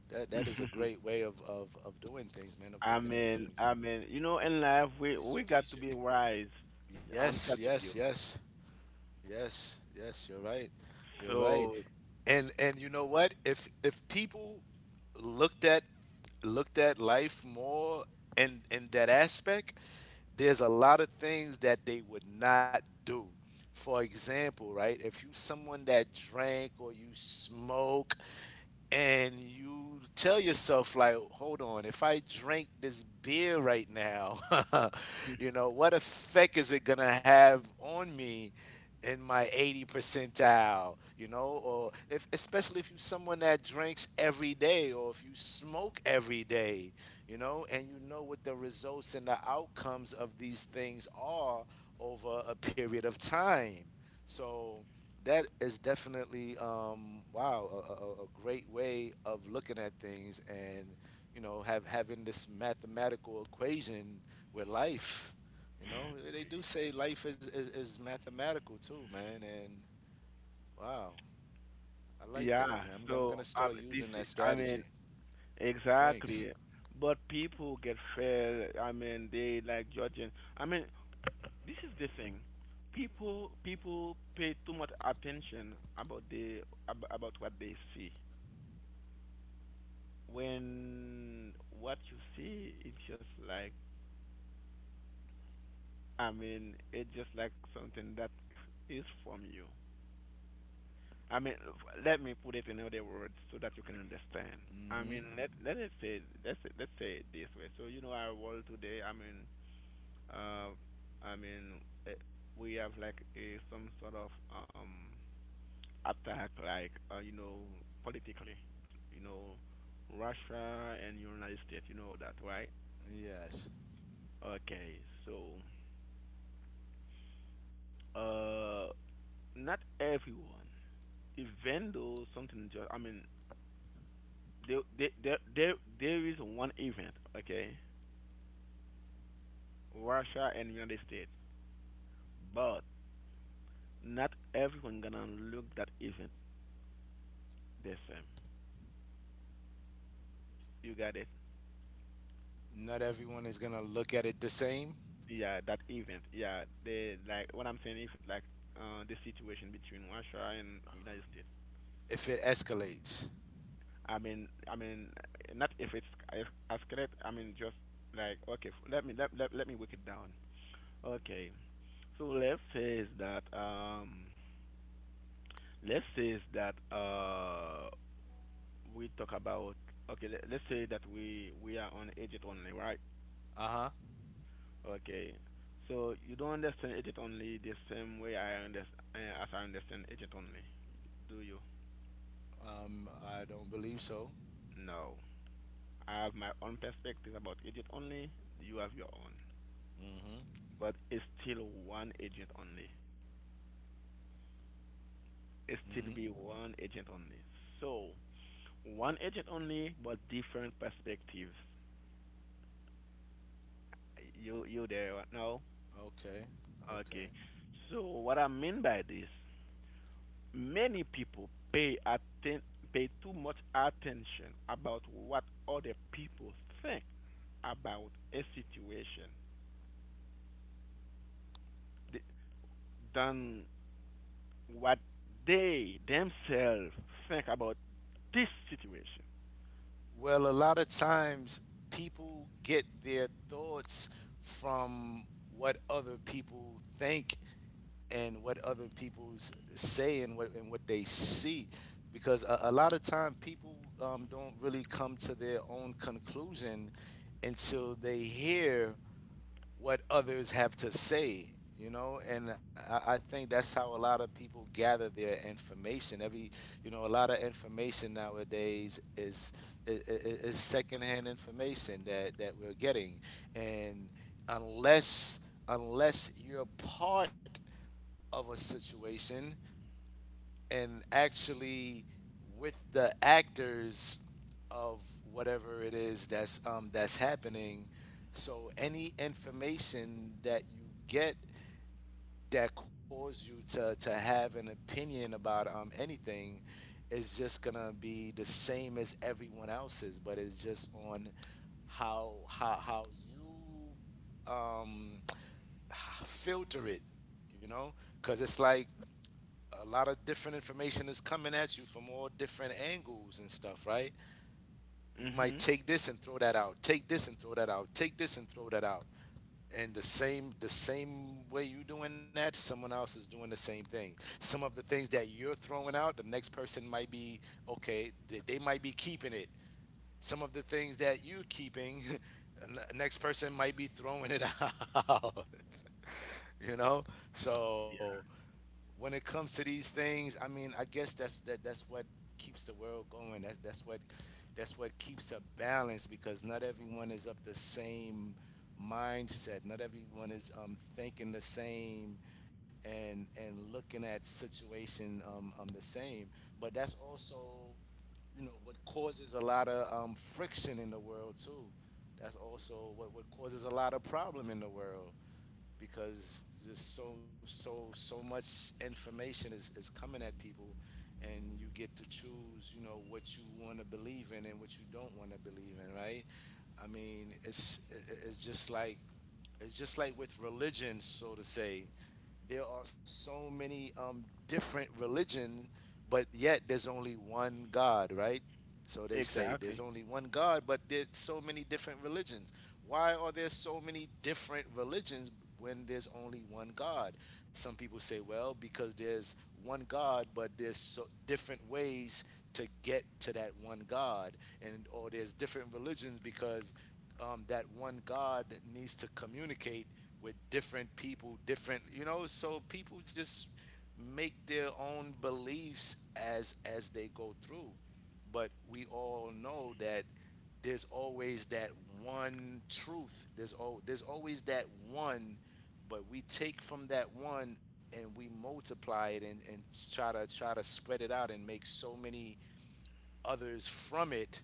Speaker 1: that that is a
Speaker 2: [LAUGHS]
Speaker 1: great way of of, of doing things, man, of
Speaker 2: I
Speaker 1: looking at
Speaker 2: mean,
Speaker 1: things.
Speaker 2: I mean, you know, in life we we got to be wise. I'm
Speaker 1: Yes, yes,
Speaker 2: telling you.
Speaker 1: yes. Yes, yes, you're right. You're right.
Speaker 2: So
Speaker 1: And and you know what? If if people looked at looked at life more in in that aspect, there's a lot of things that they would not do. For example, right? If you someone that drank or you smoke, and you tell yourself like, hold on, if I drink this beer right now, [LAUGHS] you know what effect is it gonna have on me in my eighty percentile, you know? Or if, especially if you're someone that drinks every day or if you smoke every day, you know, and you know what the results and the outcomes of these things are over a period of time. So that is definitely, um, wow, a, a, a great way of looking at things, and you know, have having this mathematical equation with life. You know, they do say life is, is, is mathematical too, man. And wow, I like
Speaker 2: yeah,
Speaker 1: that, man. I'm, I'm
Speaker 2: so,
Speaker 1: gonna start
Speaker 2: um, this,
Speaker 1: using that
Speaker 2: I
Speaker 1: strategy.
Speaker 2: mean,
Speaker 1: Thanks.
Speaker 2: exactly. But people get fair. I mean, they like judging. I mean, this is the thing. People people pay too much attention about the, ab- about what they see. When what you see, it's just like, I mean, it's just like something that is from you. I mean, let me put it in other words so that you can understand. I
Speaker 1: Hmm.
Speaker 2: mean, let let us say, let's say- let's say it this way. So you know our world today. I mean, uh, I mean, eh, we have like, a some sort of, um attack, like, uh, you know, politically, you know, Russia and United States. You know that, right?
Speaker 1: Yes.
Speaker 2: Okay, so, uh, not everyone, even though something just. I mean, there there there there, there is one event, okay? Russia and United States, but not everyone gonna look that event the same. You got it?
Speaker 1: Not everyone is gonna look at it the same.
Speaker 2: Yeah, that event. Yeah, the, like what I'm saying, event like, uh the situation between Russia and United States.
Speaker 1: If it escalates.
Speaker 2: I mean, I mean, uh, not if it's, if, as correct. I mean, just like, okay, f- let me, let let let me break it down. Okay, so let's say is that um, let's say is that uh we talk about okay le- let's say that we we are on agent only, right?
Speaker 1: Uh-huh.
Speaker 2: Okay, so you don't understand agent only the same way i understand as I understand agent only, do you?
Speaker 1: um, I don't believe so.
Speaker 2: No, I have my own perspective about agent only. You have your own,
Speaker 1: Hmm.
Speaker 2: but it's still one agent only. It
Speaker 1: Hmm.
Speaker 2: still be one agent only. So one agent only but different perspectives. You you there right now?
Speaker 1: Okay. Okay.
Speaker 2: Okay, so what I mean by this: many people pay atten- pay too much attention about what other people think about a situation th- than what they themselves think about this situation.
Speaker 1: Well, a lot of times people get their thoughts from what other people think, and what other people s- say, and what and what they see, because a, a lot of time people, um, don't really come to their own conclusion until they hear what others have to say, you know, and I, I think that's how a lot of people gather their information. Every, you know, a lot of information nowadays is is, is secondhand information that that we're getting, and unless unless you're part of a situation and actually with the actors of whatever it is that's, um, that's happening. So any information that you get that cause you to to have an opinion about, um, anything, is just gonna be the same as everyone else's, but it's just on how how how you, um, filter it, you know, because it's like a lot of different information is coming at you from all different angles and stuff, right? You might
Speaker 2: Hmm.
Speaker 1: take this and throw that out, take this and throw that out, take this and throw that out. And the same the same way you doing that, someone else is doing the same thing. Some of the things that you're throwing out, the next person might be okay, they, they might be keeping it. Some of the things that you're keeping, [LAUGHS] the next person might be throwing it out. [LAUGHS] You know? So when it comes to these things, I mean, I guess that's that that's what keeps the world going. That's that's what that's what keeps a balance, because not everyone is of the same mindset. Not everyone is, um, thinking the same, and and looking at situation, um, um the same. But that's also, you know, what causes a lot of, um, friction in the world too. That's also what, what causes a lot of problem in the world, because just so so so much information is is coming at people, and you get to choose, you know, what you want to believe in and what you don't want to believe in, right? I mean, it's it's just like it's just like with religion, so to say. There are so many, um, different religions, but yet there's only one God, right? So they say there's
Speaker 2: Exactly.
Speaker 1: only one God, but there's so many different religions. Why are there so many different religions when there's only one God? Some people say, well, because there's one God, but there's so different ways to get to that one God, and or there's different religions because, um, that one God needs to communicate with different people, different, you know, so people just make their own beliefs as as they go through. But we all know that there's always that one truth. There's al- there's always that one, but we take from that one and we multiply it, and, and try to try to spread it out and make so many others from it,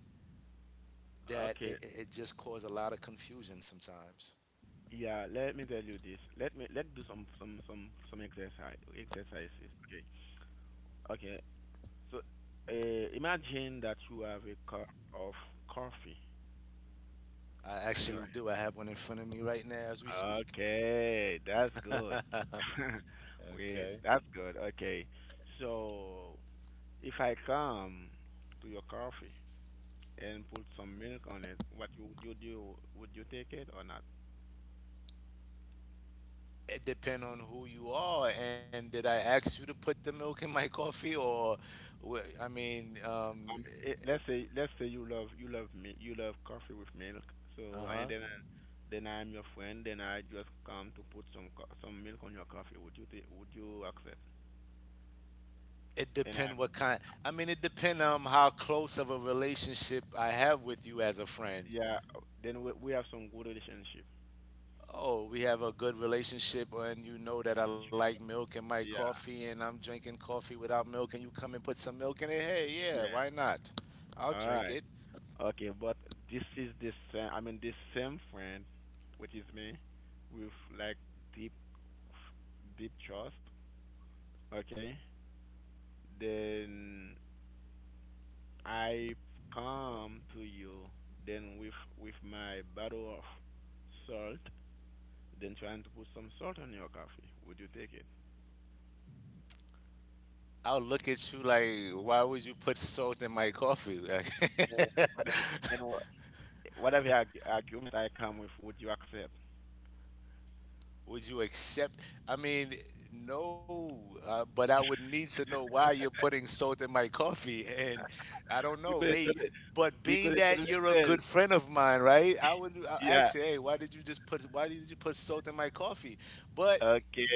Speaker 1: that it,
Speaker 2: Okay.
Speaker 1: it it just cause a lot of confusion sometimes.
Speaker 2: Yeah. Let me tell you this. Let me let do some some some some exercise exercises. Okay. Okay. So, uh, imagine that you have a cup of coffee
Speaker 1: I
Speaker 2: in your...
Speaker 1: actually do. I have one in front of me right now as we speak.
Speaker 2: Okay, that's good. [LAUGHS] We That's good. Okay. So if I come to your coffee and put some milk on it, what you would you do? Would you take it or not?
Speaker 1: It depends on who you are, and did I ask you to put the milk in my [LAUGHS] coffee? Or wh- I mean, um
Speaker 2: Um, it, let's say let's say you love you love me, you love coffee with milk. So
Speaker 1: uh-huh.
Speaker 2: and then then I'm your friend. Then I just come to put some co- some milk on your coffee. Would you take, would you accept?
Speaker 1: It
Speaker 2: And I,
Speaker 1: depend what kind. I mean, it depend on how close of a relationship I have with you as a friend.
Speaker 2: yeah. Then we we have some good relationship.
Speaker 1: Oh, we have a good relationship, and you know that I like
Speaker 2: Sure.
Speaker 1: milk in my coffee,
Speaker 2: Yeah.
Speaker 1: and I'm drinking coffee without milk, and you come and put some milk in it. Hey, yeah, why
Speaker 2: Yeah.
Speaker 1: not? I'll
Speaker 2: All
Speaker 1: drink
Speaker 2: right.
Speaker 1: it.
Speaker 2: Okay, but this is the same. I mean, this same friend, which is me, with like deep, deep trust. Okay, then I come to you. Then with with my bottle of salt, then trying to put some salt on your coffee. Would you take it?
Speaker 1: I'll look at you like, why would you put salt in my coffee? Like,
Speaker 2: And whatever, and what, whatever argu- argument I come with, would you accept?
Speaker 1: [LAUGHS] would you accept? I mean, no, uh, but I would need to know why you're putting salt in my coffee. And I don't know,
Speaker 2: because it
Speaker 1: mate.
Speaker 2: doesn't,
Speaker 1: But being
Speaker 2: because it
Speaker 1: that
Speaker 2: doesn't make
Speaker 1: you're a
Speaker 2: sense.
Speaker 1: good friend of mine, right? I would I
Speaker 2: Yeah.
Speaker 1: actually, hey, why did you just put? Why did you put salt in my coffee? But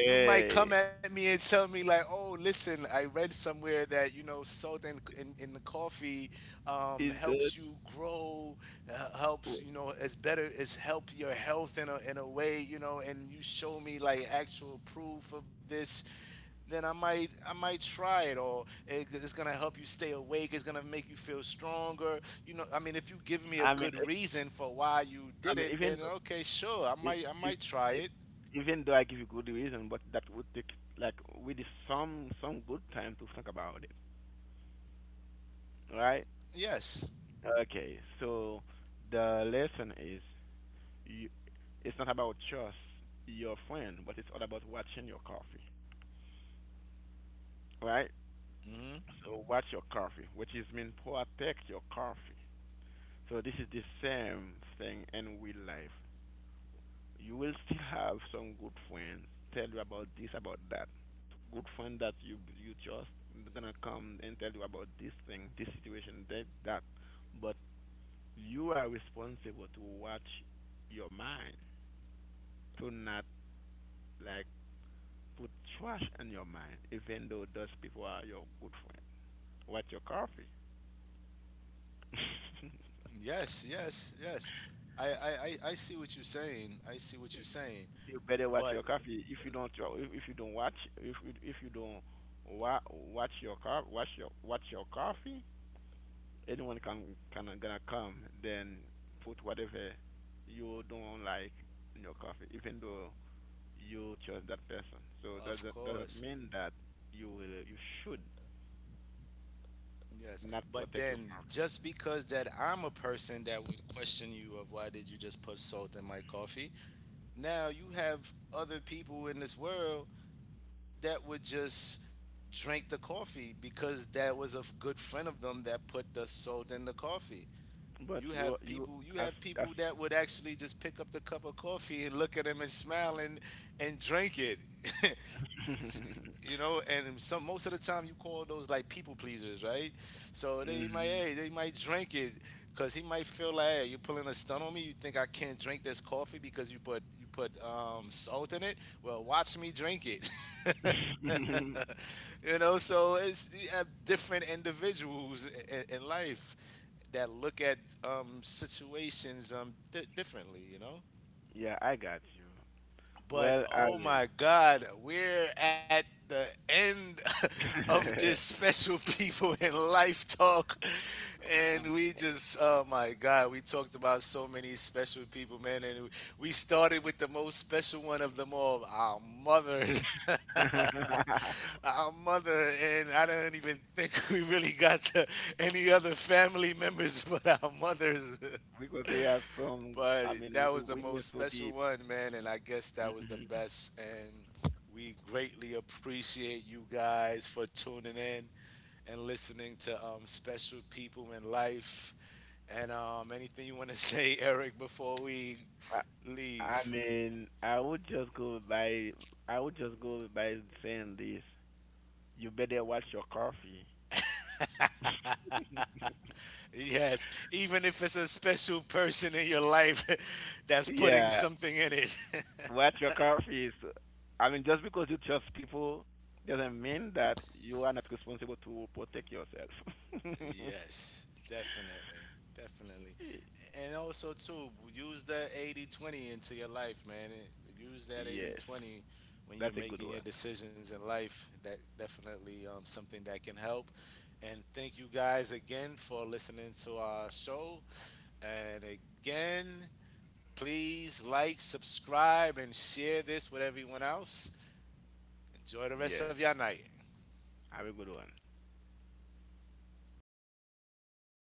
Speaker 1: you might come at me and tell me like, "Oh, listen, I read somewhere that you know salt in in, in the coffee, um,
Speaker 2: It's good.
Speaker 1: helps you grow, uh, helps you know is better, is help your health in a in a way, you know." And you show me like actual proof of this, then I might I might try it, or it, it's gonna help you stay awake. It's gonna make you feel stronger. You know, I mean, if you give me a
Speaker 2: I,
Speaker 1: good reason for why you
Speaker 2: I
Speaker 1: did
Speaker 2: mean,
Speaker 1: it, then
Speaker 2: even though,
Speaker 1: okay, sure, I
Speaker 2: i-
Speaker 1: might I
Speaker 2: if,
Speaker 1: might try
Speaker 2: i-
Speaker 1: it.
Speaker 2: even though I give you good reason, but that would take like we need some some good time to think about it, right?
Speaker 1: Yes.
Speaker 2: Okay, so the lesson is you, it's not about just your friend, but it's all about watching your coffee, right?
Speaker 1: Hmm.
Speaker 2: So watch your coffee, which is mean protect your coffee. So this is the same thing in real life. You will still have some good friends tell you about this, about that. Good friend that you you trust gonna come and tell you about this thing, this situation, that that. But you are responsible to watch your mind, to not like put trash in your mind, even though those people are your good friend. Watch your coffee.
Speaker 1: Yes, yes, yes. I, I, I I see what you're saying. I see what
Speaker 2: If
Speaker 1: you're saying.
Speaker 2: You better watch
Speaker 1: But
Speaker 2: your coffee. If you don't, wa- if if you don't watch, if you- if you don't wa- watch your car, watch your watch your coffee, anyone can can gonna come then put whatever you don't like in your coffee, even though you chose that person. So that
Speaker 1: of
Speaker 2: that
Speaker 1: course,
Speaker 2: doesn't mean that you will you should
Speaker 1: yes.
Speaker 2: not
Speaker 1: But
Speaker 2: protect your
Speaker 1: then just because that I'm a person that would question you of why did you just put salt in my coffee, now you have other people in this world that would just drink the coffee because that was a f- good friend of them that put the salt in the coffee.
Speaker 2: coffee. But
Speaker 1: You
Speaker 2: you
Speaker 1: have
Speaker 2: you
Speaker 1: people. You
Speaker 2: as
Speaker 1: have
Speaker 2: as
Speaker 1: people that would actually just pick up the cup of coffee and look at them and smile, and and drink it. [LAUGHS] You
Speaker 2: [LAUGHS]
Speaker 1: know, and some most of the time you call those like people pleasers, right? So they might,
Speaker 2: Mhm.
Speaker 1: hey, they might drink it, because he might feel like, hey, you're pulling a stunt on me. You think I can't drink this coffee because you put you put, um, salt in it? Well, watch me drink it.
Speaker 2: [LAUGHS]
Speaker 1: [LAUGHS] You know, so it's you have different individuals in, in life that look at, um, situations, um, di differently, you know.
Speaker 2: Yeah, I got you.
Speaker 1: But
Speaker 2: Well, I
Speaker 1: oh
Speaker 2: mean,
Speaker 1: my God, we're at the end [LAUGHS] of this special [LAUGHS] people in life talk, and we just oh my God, we talked about so many special people, man, and we started with the most special one of them all, our mother, [LAUGHS] our mother, and I don't even think [LAUGHS] we really got to any other family members, [LAUGHS] but our mothers. [LAUGHS]
Speaker 2: [LAUGHS] because we have some.
Speaker 1: But
Speaker 2: I mean,
Speaker 1: that
Speaker 2: we
Speaker 1: was the
Speaker 2: we were
Speaker 1: most
Speaker 2: so
Speaker 1: special
Speaker 2: deep.
Speaker 1: one, man, and I guess that was the
Speaker 2: Hmm.
Speaker 1: best. And we greatly appreciate you guys for tuning in and listening to, um, special people in life. And, um, anything you want to [LAUGHS] say, Eric, before we
Speaker 2: I
Speaker 1: leave?
Speaker 2: mean, I would just go by I would just go by saying this. You better watch your coffee.
Speaker 1: Yes, even if it's a special person in your life [LAUGHS] that's putting
Speaker 2: Yeah,
Speaker 1: something in it.
Speaker 2: watch your coffee. Is, I mean, just because you trust people doesn't mean that you are not responsible to protect yourself. [LAUGHS]
Speaker 1: Yes, definitely. Definitely. And also too, use the eighty twenty into your life, man. It- Use that
Speaker 2: Yes,
Speaker 1: eighty twenty when you're
Speaker 2: that's a good
Speaker 1: making your
Speaker 2: one.
Speaker 1: decisions in life. That definitely, um, something that can help. And thank you guys again for listening to our show. And again, please like, subscribe, and share this with everyone else. Enjoy the rest of
Speaker 2: Yes,
Speaker 1: your night.
Speaker 2: have a good one.